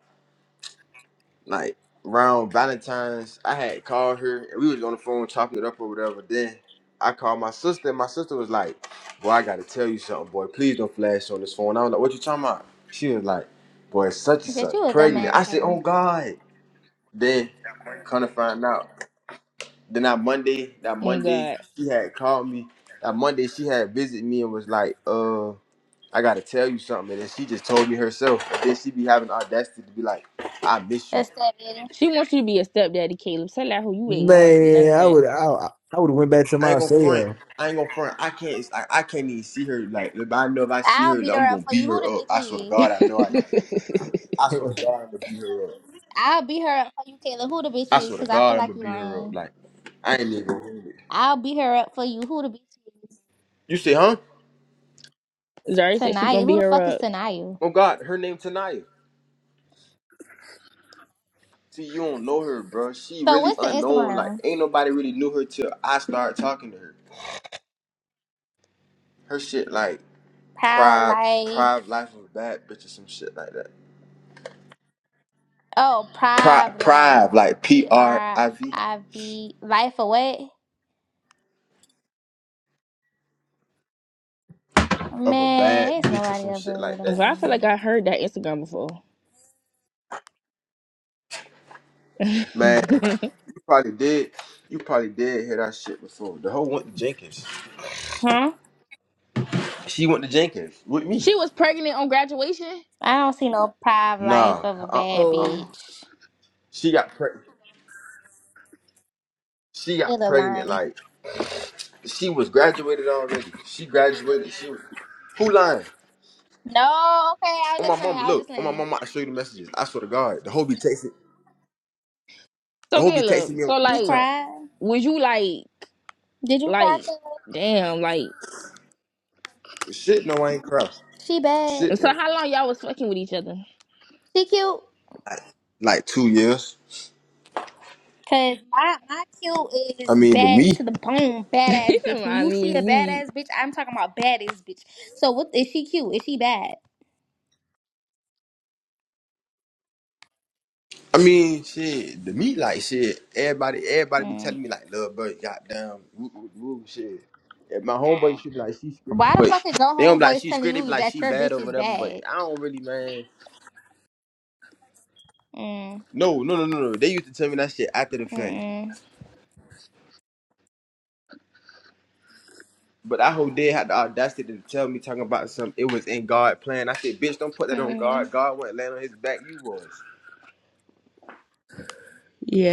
[SPEAKER 2] like around Valentine's, I had called her and we was on the phone chopping it up or whatever. Then I called my sister, and my sister was like, Boy, I gotta tell you something, boy. Please don't flash on this phone. I was like, What you talking about? She was like, Boy, such and
[SPEAKER 1] Bitch, you
[SPEAKER 2] such,
[SPEAKER 1] a
[SPEAKER 2] pregnant. I
[SPEAKER 1] dumbass
[SPEAKER 2] said,
[SPEAKER 1] hoe.
[SPEAKER 2] Oh God. Then come to find out. Then that Monday, that
[SPEAKER 3] Oh
[SPEAKER 2] Monday,
[SPEAKER 3] God.
[SPEAKER 2] she had called me. That Monday, she had visited me and was like, "Uh, I gotta tell you something." And then she just told me herself. And then she be having the audacity to be like, "I miss you."
[SPEAKER 1] That's that bitch.
[SPEAKER 3] She wants you to be a stepdaddy, Caleb. Tell that who you ain't going for none
[SPEAKER 4] man, I would,
[SPEAKER 3] of
[SPEAKER 4] I, I would have went back to
[SPEAKER 2] I ain't
[SPEAKER 4] my
[SPEAKER 2] gonna front.
[SPEAKER 4] cell.
[SPEAKER 2] I ain't gonna front. I can't. it's like, I can't even see her. Like, if I know if I see
[SPEAKER 1] I'll
[SPEAKER 2] her,
[SPEAKER 1] beat her
[SPEAKER 2] I'm
[SPEAKER 1] up
[SPEAKER 2] gonna
[SPEAKER 1] for you.
[SPEAKER 2] beat
[SPEAKER 1] Who
[SPEAKER 2] her
[SPEAKER 1] the
[SPEAKER 2] up. I swear to
[SPEAKER 1] bitch
[SPEAKER 2] God,
[SPEAKER 1] is?
[SPEAKER 2] I know I.
[SPEAKER 3] that.
[SPEAKER 2] I swear to God, I'm gonna beat her up.
[SPEAKER 1] I'll beat her up for you, Taylor. Who the bitch
[SPEAKER 2] I
[SPEAKER 1] is?
[SPEAKER 2] swear to
[SPEAKER 1] Cause I feel
[SPEAKER 2] God, I'm
[SPEAKER 1] like
[SPEAKER 2] gonna
[SPEAKER 1] you
[SPEAKER 2] beat her
[SPEAKER 1] lying.
[SPEAKER 2] up. Like, I ain't even gonna do it.
[SPEAKER 1] I'll beat her up for you. Who the bitch is?
[SPEAKER 2] You say, huh?
[SPEAKER 3] Zari said she
[SPEAKER 1] Tanaya.
[SPEAKER 3] gonna
[SPEAKER 1] Who
[SPEAKER 3] beat
[SPEAKER 1] the
[SPEAKER 3] her
[SPEAKER 1] fuck is
[SPEAKER 3] up.
[SPEAKER 1] Tanaya?
[SPEAKER 2] Oh God, her name Tanaya. See, you don't know her, bro. She
[SPEAKER 1] So
[SPEAKER 2] really
[SPEAKER 1] what's the
[SPEAKER 2] unknown. Like,
[SPEAKER 1] Instagram?
[SPEAKER 2] ain't nobody really knew her till I started talking to her. Her shit like
[SPEAKER 1] Proud
[SPEAKER 2] Prive,
[SPEAKER 1] Life.
[SPEAKER 2] Prive Life of a Bad Bitch or some shit like that.
[SPEAKER 1] Oh,
[SPEAKER 2] Pri-
[SPEAKER 1] Prive Life.
[SPEAKER 2] Prive, like P
[SPEAKER 1] P
[SPEAKER 2] R
[SPEAKER 1] R
[SPEAKER 2] I V
[SPEAKER 1] I V Life of what?
[SPEAKER 2] of a
[SPEAKER 1] Man,
[SPEAKER 2] bad
[SPEAKER 1] it's
[SPEAKER 2] bitch or
[SPEAKER 1] nobody
[SPEAKER 2] some
[SPEAKER 1] up here
[SPEAKER 2] shit
[SPEAKER 1] with
[SPEAKER 2] like
[SPEAKER 1] a
[SPEAKER 2] that.
[SPEAKER 3] Well, I feel like I
[SPEAKER 1] fucking.
[SPEAKER 3] heard that Instagram before.
[SPEAKER 2] Man, you probably did. You probably did hear that shit before. The whole went to Jenkins.
[SPEAKER 3] huh?
[SPEAKER 2] She went to Jenkins with me.
[SPEAKER 3] She was pregnant on graduation.
[SPEAKER 1] I don't see no Prive Life
[SPEAKER 2] Nah,
[SPEAKER 1] of a
[SPEAKER 2] uh,
[SPEAKER 1] bad
[SPEAKER 2] uh-uh, uh,
[SPEAKER 3] Oh,
[SPEAKER 1] bitch.
[SPEAKER 2] She got pregnant. She
[SPEAKER 1] It
[SPEAKER 2] got
[SPEAKER 1] a
[SPEAKER 2] pregnant
[SPEAKER 1] line.
[SPEAKER 2] like She was graduated already. She graduated. She was, who lying?
[SPEAKER 1] No, okay. I was
[SPEAKER 2] On
[SPEAKER 1] just
[SPEAKER 2] my
[SPEAKER 1] saying.
[SPEAKER 2] mama,
[SPEAKER 1] I was just
[SPEAKER 2] look. On my
[SPEAKER 1] saying.
[SPEAKER 2] mama, I show you the messages. I swear to God, the whole be texting. The
[SPEAKER 3] so
[SPEAKER 2] whole be texting
[SPEAKER 3] Caleb,
[SPEAKER 2] me
[SPEAKER 3] so
[SPEAKER 2] on
[SPEAKER 1] You
[SPEAKER 3] like,
[SPEAKER 2] TikTok.
[SPEAKER 1] cried.
[SPEAKER 3] was you like,
[SPEAKER 1] Did you cry?
[SPEAKER 3] like,
[SPEAKER 1] Taylor?
[SPEAKER 3] damn, like,
[SPEAKER 2] Shit, no, I ain't crossed.
[SPEAKER 1] She bad.
[SPEAKER 2] Shit,
[SPEAKER 3] so
[SPEAKER 2] no.
[SPEAKER 3] how long y'all was fucking with each other?
[SPEAKER 1] She cute.
[SPEAKER 2] Like two years.
[SPEAKER 1] Cause my my kill
[SPEAKER 2] I
[SPEAKER 1] is
[SPEAKER 2] mean, to
[SPEAKER 1] bad
[SPEAKER 2] me.
[SPEAKER 1] to the bone,
[SPEAKER 3] He
[SPEAKER 1] badass
[SPEAKER 3] said,
[SPEAKER 1] bitch.
[SPEAKER 3] "Well,
[SPEAKER 1] When
[SPEAKER 3] I
[SPEAKER 1] you see
[SPEAKER 3] mean to
[SPEAKER 1] a
[SPEAKER 3] me,
[SPEAKER 1] badass bitch, I'm talking about badass bitch. So what is she cute? Is she bad?
[SPEAKER 2] I mean, shit, to me, like shit. Everybody, everybody be
[SPEAKER 1] Mm.
[SPEAKER 2] telling me like, little bird, goddamn, woo, woo, woo, shit. And my homeboy should be like, she's great,
[SPEAKER 1] Why the fuck
[SPEAKER 2] but
[SPEAKER 1] is your
[SPEAKER 2] they don't be like
[SPEAKER 1] homeboys
[SPEAKER 2] she's
[SPEAKER 1] telling
[SPEAKER 2] great. They be
[SPEAKER 1] you
[SPEAKER 2] like
[SPEAKER 1] that
[SPEAKER 2] she
[SPEAKER 1] your
[SPEAKER 2] bad
[SPEAKER 1] bitch
[SPEAKER 2] or
[SPEAKER 1] is
[SPEAKER 2] whatever. But
[SPEAKER 1] bad?
[SPEAKER 2] I don't really, man.
[SPEAKER 1] Mm,
[SPEAKER 2] No, no, no, no, no. They used to tell me that shit after the fact.
[SPEAKER 1] mm,
[SPEAKER 2] But that whole day had the audacity to tell me talking about some It was in God plan. I said, bitch, don't put that on
[SPEAKER 1] mm,
[SPEAKER 2] God. God wasn't laying on his back. You was.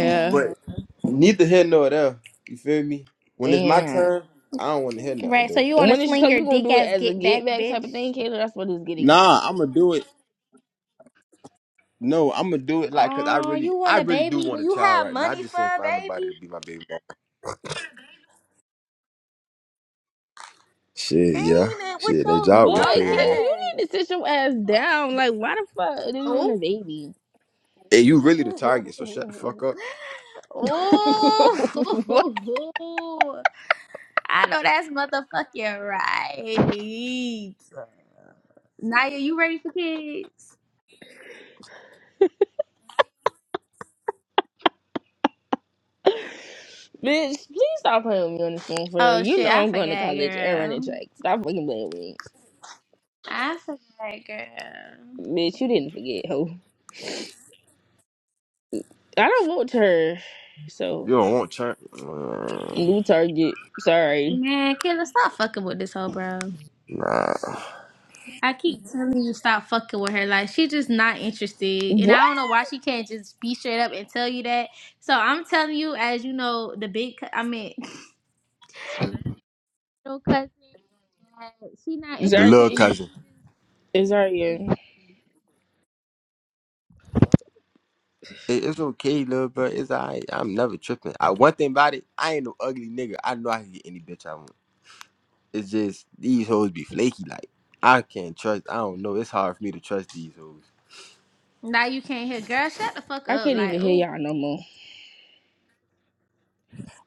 [SPEAKER 1] mm.
[SPEAKER 2] But neither here nor there. You feel me? When it's my
[SPEAKER 3] and
[SPEAKER 2] turn, I don't want to hear nothing
[SPEAKER 1] Right. So
[SPEAKER 2] though.
[SPEAKER 1] you want to
[SPEAKER 3] when is
[SPEAKER 1] sling
[SPEAKER 3] so you
[SPEAKER 1] your
[SPEAKER 3] gonna
[SPEAKER 1] dick
[SPEAKER 3] do it
[SPEAKER 1] ass
[SPEAKER 3] as a
[SPEAKER 1] get back,
[SPEAKER 3] get back
[SPEAKER 1] bitch?
[SPEAKER 3] type of thing, Caleb? That's what it's getting at.
[SPEAKER 2] Nah, I'ma do it. No, I'ma do it like cause I
[SPEAKER 1] Oh, you
[SPEAKER 2] really
[SPEAKER 1] want
[SPEAKER 2] I
[SPEAKER 1] a
[SPEAKER 2] really
[SPEAKER 1] baby?
[SPEAKER 2] do
[SPEAKER 1] Do
[SPEAKER 2] want a
[SPEAKER 1] you
[SPEAKER 2] child
[SPEAKER 1] have
[SPEAKER 2] right now. I
[SPEAKER 1] money for
[SPEAKER 2] just ain't
[SPEAKER 1] a
[SPEAKER 2] find nobody
[SPEAKER 1] baby?
[SPEAKER 2] to be my baby mama. Shit, yeah.
[SPEAKER 1] Ain't it? What's
[SPEAKER 2] Shit, that
[SPEAKER 1] your
[SPEAKER 2] job gonna
[SPEAKER 3] Boy,
[SPEAKER 1] dumb
[SPEAKER 2] pay
[SPEAKER 3] Caleb,
[SPEAKER 2] it off.
[SPEAKER 3] you
[SPEAKER 1] ass?
[SPEAKER 3] need to sit your ass down. Like, why the fuck do you want
[SPEAKER 1] Oh.
[SPEAKER 3] a baby?
[SPEAKER 2] Hey, you really the target, so shut the
[SPEAKER 1] Oh,
[SPEAKER 2] fuck up.
[SPEAKER 3] what?
[SPEAKER 1] I know that's motherfucking right. Naya, you ready for kids?
[SPEAKER 3] Bitch, please stop playing with me on this phone for real.
[SPEAKER 1] Oh
[SPEAKER 3] You
[SPEAKER 1] shit,
[SPEAKER 3] know
[SPEAKER 1] I
[SPEAKER 3] I'm going to
[SPEAKER 1] forgot,
[SPEAKER 3] college and running
[SPEAKER 1] girl.
[SPEAKER 3] track. Stop fucking playing with me.
[SPEAKER 1] I forgot, girl.
[SPEAKER 3] Bitch, you didn't forget, ho. I don't vote her.
[SPEAKER 2] You
[SPEAKER 3] So,
[SPEAKER 2] don't want churn. Mm,
[SPEAKER 3] new target. Sorry.
[SPEAKER 1] Man, Kayla, stop fucking with this hoe, bro.
[SPEAKER 2] Nah.
[SPEAKER 1] I keep telling you stop fucking with her. Like she just not interested, and
[SPEAKER 3] What?
[SPEAKER 1] I don't know why she can't just be straight up and tell you that. So I'm telling you, as you know, the big. I mean. little cousin that she not
[SPEAKER 2] The
[SPEAKER 3] Zari,
[SPEAKER 1] interested
[SPEAKER 2] little
[SPEAKER 1] in you.
[SPEAKER 2] cousin.
[SPEAKER 1] Just,
[SPEAKER 3] Zari,
[SPEAKER 1] just,
[SPEAKER 3] yeah.
[SPEAKER 2] It- It's okay, little bro. It's alright. I'm never tripping. I, one thing about it, I ain't no ugly nigga. I know I can get any bitch I want. It's just these hoes be flaky. Like I can't trust. I don't know. It's hard for me to trust these hoes.
[SPEAKER 1] Now you can't hear, girl. Shut the fuck
[SPEAKER 3] I
[SPEAKER 1] up.
[SPEAKER 3] can't
[SPEAKER 1] Like,
[SPEAKER 3] even hear
[SPEAKER 1] ooh.
[SPEAKER 3] y'all no more.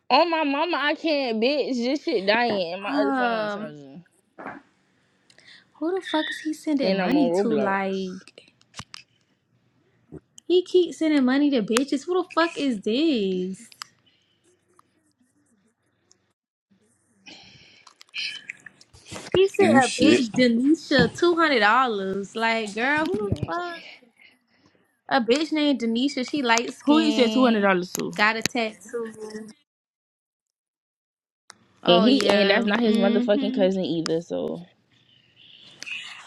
[SPEAKER 3] On my mama, I can't, bitch. This shit dying and my other phone on the
[SPEAKER 1] um,
[SPEAKER 3] charger.
[SPEAKER 1] who the fuck is he sending
[SPEAKER 3] And I'm
[SPEAKER 1] money
[SPEAKER 3] on
[SPEAKER 1] to?
[SPEAKER 3] Roblox.
[SPEAKER 1] Like, he keeps sending money to bitches. Who the fuck is this? He sent
[SPEAKER 2] Oh
[SPEAKER 1] a
[SPEAKER 2] shit.
[SPEAKER 1] bitch Denisha two hundred dollars. Like, girl,
[SPEAKER 3] You
[SPEAKER 1] who
[SPEAKER 3] know
[SPEAKER 1] the
[SPEAKER 3] what I'm
[SPEAKER 1] fuck?
[SPEAKER 3] saying?
[SPEAKER 1] A bitch named Denisha. She light
[SPEAKER 3] Who he said
[SPEAKER 1] skinned
[SPEAKER 3] $200 to?
[SPEAKER 1] Got a tattoo.
[SPEAKER 3] And
[SPEAKER 1] Oh
[SPEAKER 3] he, and
[SPEAKER 1] yeah.
[SPEAKER 3] that's not his motherfucking
[SPEAKER 1] Mm-hmm.
[SPEAKER 3] cousin either, so.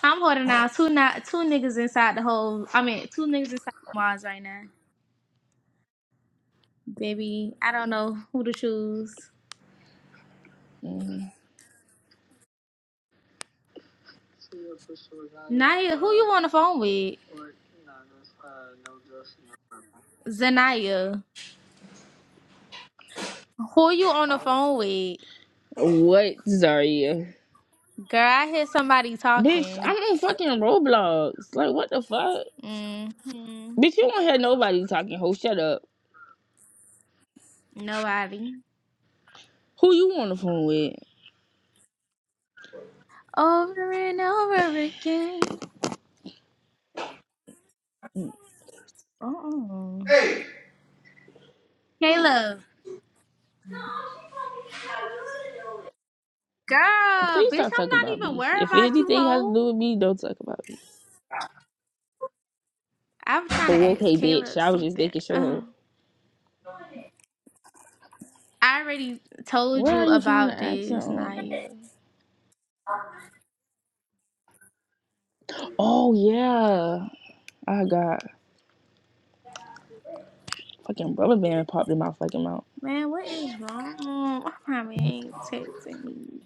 [SPEAKER 1] I'm holding out two not two niggas inside the whole. I mean, two niggas inside the walls right now. Baby, I don't know who to choose.
[SPEAKER 3] mhm.
[SPEAKER 1] Naya, who you on the phone with? Zanaya, who you on the phone with?
[SPEAKER 3] What, Zaria?
[SPEAKER 1] Girl, I hear somebody
[SPEAKER 3] Bitch,
[SPEAKER 1] talking.
[SPEAKER 3] I'm on fucking Roblox. Like, what the fuck?
[SPEAKER 1] Mm-hmm.
[SPEAKER 3] Bitch, you won't have nobody talking, ho. Shut up.
[SPEAKER 1] Nobody.
[SPEAKER 3] Who you on the phone with?
[SPEAKER 1] Over and over again. Oh. Caleb, girl, bitch, I'm not
[SPEAKER 3] Please stop talking about
[SPEAKER 1] even
[SPEAKER 3] me.
[SPEAKER 1] worried
[SPEAKER 3] If
[SPEAKER 1] about you,
[SPEAKER 3] anything has to
[SPEAKER 1] hoe.
[SPEAKER 3] do with me, don't talk about me.
[SPEAKER 1] I'm trying to
[SPEAKER 3] Oh,
[SPEAKER 1] ask
[SPEAKER 3] okay, bitch.
[SPEAKER 1] Caleb
[SPEAKER 3] I was just
[SPEAKER 1] something.
[SPEAKER 3] making sure. ho.
[SPEAKER 1] I already told
[SPEAKER 3] What
[SPEAKER 1] you
[SPEAKER 3] are you trying
[SPEAKER 1] about
[SPEAKER 3] to ask
[SPEAKER 1] this,
[SPEAKER 3] him?
[SPEAKER 1] Naya.
[SPEAKER 3] Oh, yeah. I got fucking rubber band popped in my fucking mouth.
[SPEAKER 1] Man, what is wrong? Why my man texting me?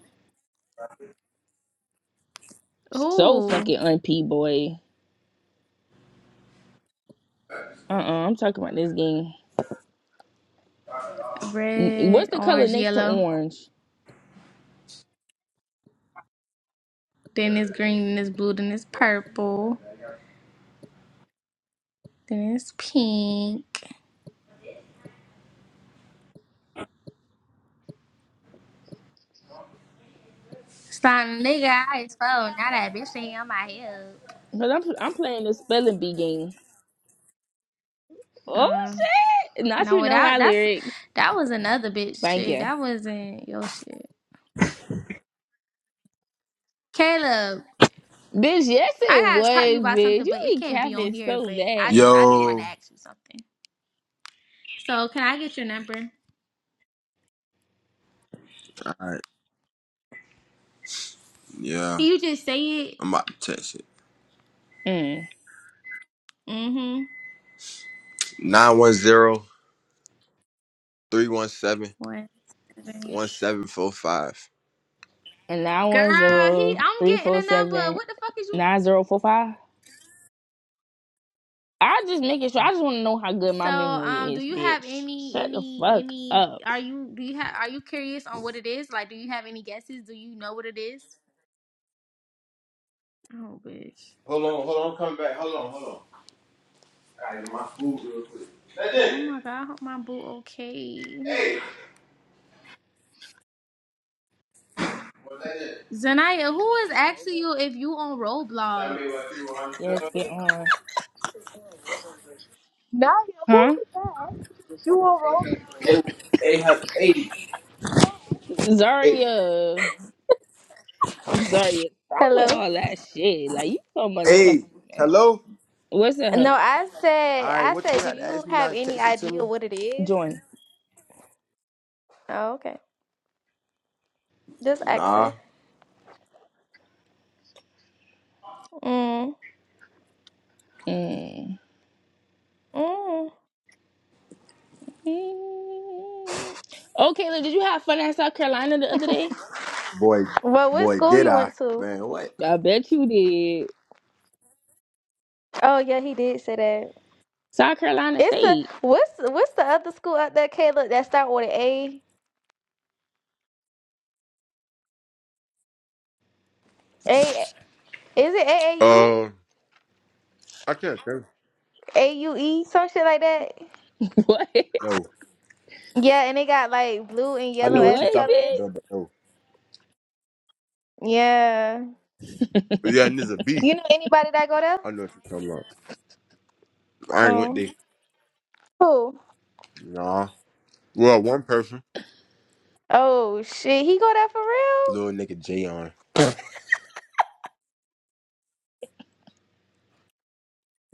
[SPEAKER 3] So
[SPEAKER 1] Ooh,
[SPEAKER 3] fucking unp boy. Uh-uh, I'm talking about this game. N-
[SPEAKER 1] red,
[SPEAKER 3] What's the color
[SPEAKER 1] orange,
[SPEAKER 3] next to
[SPEAKER 1] yellow.
[SPEAKER 3] orange?
[SPEAKER 1] Then it's green, then it's blue, then it's purple, then it's pink. Starting nigga, I is full. Now that bitch ain't on my hip.
[SPEAKER 3] Because I'm, I'm playing this spelling bee game. Oh
[SPEAKER 1] Uh,
[SPEAKER 3] shit! Not you
[SPEAKER 1] no,
[SPEAKER 3] know
[SPEAKER 1] that
[SPEAKER 3] my
[SPEAKER 1] that's
[SPEAKER 3] lyrics.
[SPEAKER 1] that was another bitch
[SPEAKER 3] Thank
[SPEAKER 1] shit.
[SPEAKER 3] you.
[SPEAKER 1] That wasn't your shit, Caleb.
[SPEAKER 3] Bitch, yes
[SPEAKER 1] I
[SPEAKER 3] it
[SPEAKER 1] gotta talk to you
[SPEAKER 3] was,
[SPEAKER 1] about
[SPEAKER 3] bitch.
[SPEAKER 1] something,
[SPEAKER 3] You
[SPEAKER 1] but it
[SPEAKER 3] be
[SPEAKER 1] can't be on
[SPEAKER 3] capping
[SPEAKER 1] here.
[SPEAKER 3] so
[SPEAKER 1] But I just
[SPEAKER 3] bad.
[SPEAKER 1] I just want to
[SPEAKER 2] Yo.
[SPEAKER 1] ask you something. So can I get your number? Can
[SPEAKER 2] Alright. Yeah.
[SPEAKER 1] you just say it?
[SPEAKER 2] I'm about to text it.
[SPEAKER 3] Mm.
[SPEAKER 1] Mm-hmm.
[SPEAKER 2] 910
[SPEAKER 1] What?
[SPEAKER 3] And nine one
[SPEAKER 1] Girl, he
[SPEAKER 3] zero
[SPEAKER 1] I'm
[SPEAKER 3] three
[SPEAKER 1] getting
[SPEAKER 3] four
[SPEAKER 1] a number.
[SPEAKER 3] seven
[SPEAKER 1] What the fuck is you
[SPEAKER 3] nine zero four five. I just make it sure. I just want to know how good
[SPEAKER 1] So
[SPEAKER 3] my
[SPEAKER 1] um
[SPEAKER 3] memory
[SPEAKER 1] do
[SPEAKER 3] is,
[SPEAKER 1] you have
[SPEAKER 3] bitch.
[SPEAKER 1] any
[SPEAKER 3] Shut the
[SPEAKER 1] any
[SPEAKER 3] fuck
[SPEAKER 1] any
[SPEAKER 3] up.
[SPEAKER 1] are you do you have are you curious on what it is? Like do you have any guesses? Do you know what it is? Oh bitch.
[SPEAKER 2] Hold on, hold on. I'm coming back. Hold on, hold on. All right, get my food real quick.
[SPEAKER 1] Oh
[SPEAKER 2] Legend.
[SPEAKER 1] my god, I hope my boo okay.
[SPEAKER 2] Hey, what's that? in?
[SPEAKER 1] Zanaya, who is asking you if you on
[SPEAKER 2] Tell
[SPEAKER 1] Roblox?
[SPEAKER 2] me what you want. to
[SPEAKER 3] Yes,
[SPEAKER 2] do.
[SPEAKER 3] get on.
[SPEAKER 1] Naya, who
[SPEAKER 3] Huh?
[SPEAKER 1] is that? You on Roblox?
[SPEAKER 2] Hey, hey, hey. Hey,
[SPEAKER 3] Zaria. Zaria. Stop with
[SPEAKER 1] Hello.
[SPEAKER 3] all that shit. Like, you so motherfucking
[SPEAKER 2] hey,
[SPEAKER 3] mad.
[SPEAKER 2] hello.
[SPEAKER 3] What's the
[SPEAKER 1] No,
[SPEAKER 3] hook?
[SPEAKER 1] I
[SPEAKER 2] All
[SPEAKER 1] said,
[SPEAKER 2] right,
[SPEAKER 1] I
[SPEAKER 2] what you
[SPEAKER 1] said, do
[SPEAKER 2] had to
[SPEAKER 1] you
[SPEAKER 2] ask me
[SPEAKER 1] have
[SPEAKER 2] now?
[SPEAKER 1] any
[SPEAKER 2] Text it to me.
[SPEAKER 1] idea what it is?
[SPEAKER 3] Join.
[SPEAKER 1] Oh, okay. Just asking.
[SPEAKER 2] Nah.
[SPEAKER 1] Mm.
[SPEAKER 3] Mm.
[SPEAKER 1] Mm.
[SPEAKER 3] Mm. Oh, Kayla, did you have fun at South Carolina the other day?
[SPEAKER 2] Boy,
[SPEAKER 1] Well, what
[SPEAKER 2] boy,
[SPEAKER 1] school
[SPEAKER 2] did
[SPEAKER 1] you
[SPEAKER 2] I?
[SPEAKER 1] went to?
[SPEAKER 2] Man, what?
[SPEAKER 3] I bet you did.
[SPEAKER 1] Oh, yeah, he did say that.
[SPEAKER 3] South Carolina
[SPEAKER 1] It's a
[SPEAKER 3] State.
[SPEAKER 1] what's what's the other school out there, Caleb? That start with an A. A is it AAU?
[SPEAKER 2] Uh, I can't think.
[SPEAKER 1] AUE, some shit like that.
[SPEAKER 3] What?
[SPEAKER 2] No,
[SPEAKER 1] Yeah, and they got like blue and
[SPEAKER 2] I
[SPEAKER 1] yellow
[SPEAKER 2] know what
[SPEAKER 1] as
[SPEAKER 2] you
[SPEAKER 1] the
[SPEAKER 3] What,
[SPEAKER 2] talking about,
[SPEAKER 1] colors.
[SPEAKER 3] bitch?
[SPEAKER 2] though, but no,
[SPEAKER 1] Yeah.
[SPEAKER 2] But yeah, and there's a B.
[SPEAKER 1] You know anybody that go there?
[SPEAKER 2] I know what you're talking about. I ain't went
[SPEAKER 1] Oh.
[SPEAKER 2] there.
[SPEAKER 1] Who?
[SPEAKER 2] nah, Well, one person.
[SPEAKER 1] Oh shit, he go there for real?
[SPEAKER 2] little nigga Jayon. on.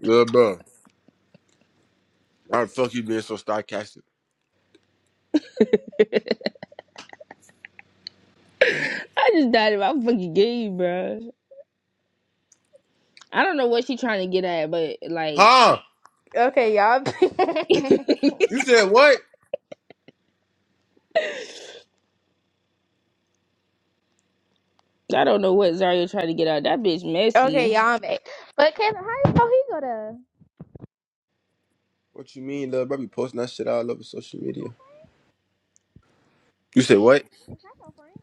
[SPEAKER 2] Little bro. Why the fuck you being so sarcastic?
[SPEAKER 3] I just died in my fucking game, bro. I don't know what she trying to get at, but like,
[SPEAKER 2] Huh?
[SPEAKER 1] Okay, y'all.
[SPEAKER 2] You said what?
[SPEAKER 3] I don't know what Zaria trying to get at. That bitch
[SPEAKER 1] okay,
[SPEAKER 3] messy.
[SPEAKER 1] y'all made. But Kevin, how you know he gonna?
[SPEAKER 2] What you mean, little bro? Be posting that shit all over social media. You said what?
[SPEAKER 1] That's so funny.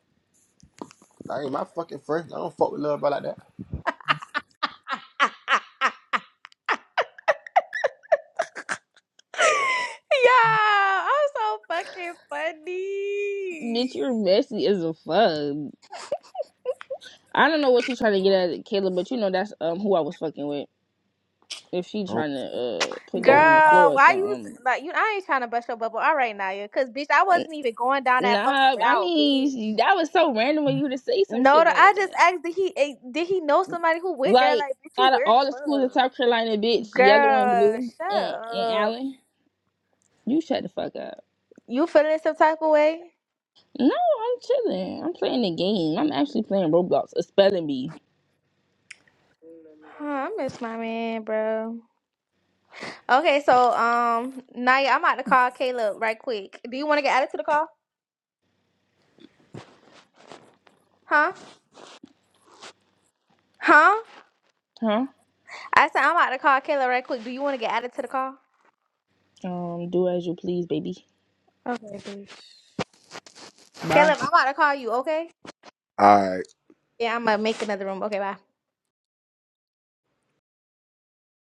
[SPEAKER 2] I ain't my fucking friend. I don't fuck with little bro like that.
[SPEAKER 1] Yeah, I'm so fucking
[SPEAKER 3] Bitch,
[SPEAKER 1] funny.
[SPEAKER 3] you're messy as a fuck. I don't know what she trying to get at, Kayla, but you know that's um who I was fucking with. If she
[SPEAKER 2] Oh,
[SPEAKER 3] trying to uh put that
[SPEAKER 2] Oh,
[SPEAKER 3] on the
[SPEAKER 1] Girl,
[SPEAKER 3] floor or
[SPEAKER 1] why you
[SPEAKER 3] something.
[SPEAKER 1] s- like you? I ain't trying to bust your bubble. All right, Naya, cause bitch, I wasn't even going down that fucking
[SPEAKER 3] Nah, I
[SPEAKER 1] route, bitch.
[SPEAKER 3] mean that was so random when you to say some
[SPEAKER 1] No,
[SPEAKER 3] shit
[SPEAKER 1] the-
[SPEAKER 3] like
[SPEAKER 1] I just
[SPEAKER 3] that.
[SPEAKER 1] asked did he eh, did he know somebody who went there?
[SPEAKER 3] Like
[SPEAKER 1] Like, bitch, you
[SPEAKER 3] out of
[SPEAKER 1] weird as
[SPEAKER 3] all the schools in
[SPEAKER 1] fuck.
[SPEAKER 3] South Carolina, bitch, yellow and
[SPEAKER 1] Girl,
[SPEAKER 3] blue
[SPEAKER 1] shut
[SPEAKER 3] and and
[SPEAKER 1] up.
[SPEAKER 3] Allen, you shut the fuck up.
[SPEAKER 1] You feeling some type of way?
[SPEAKER 3] No, I'm chilling. I'm playing the game. I'm actually playing Roblox, a spelling bee.
[SPEAKER 1] Huh, I miss my man, bro. Okay, so um, Naya, I'm about to call Caleb right quick. Do you want to get added to the call? Huh? Huh?
[SPEAKER 3] Huh?
[SPEAKER 1] I said I'm about to call Caleb right quick. Do you want to get added to the call?
[SPEAKER 3] Um, do as you please, baby.
[SPEAKER 1] Okay, bitch.
[SPEAKER 3] Bye.
[SPEAKER 1] Caleb, I'm about to call you. Okay?
[SPEAKER 2] I.
[SPEAKER 1] Yeah, I'm gonna make another room. Okay, bye.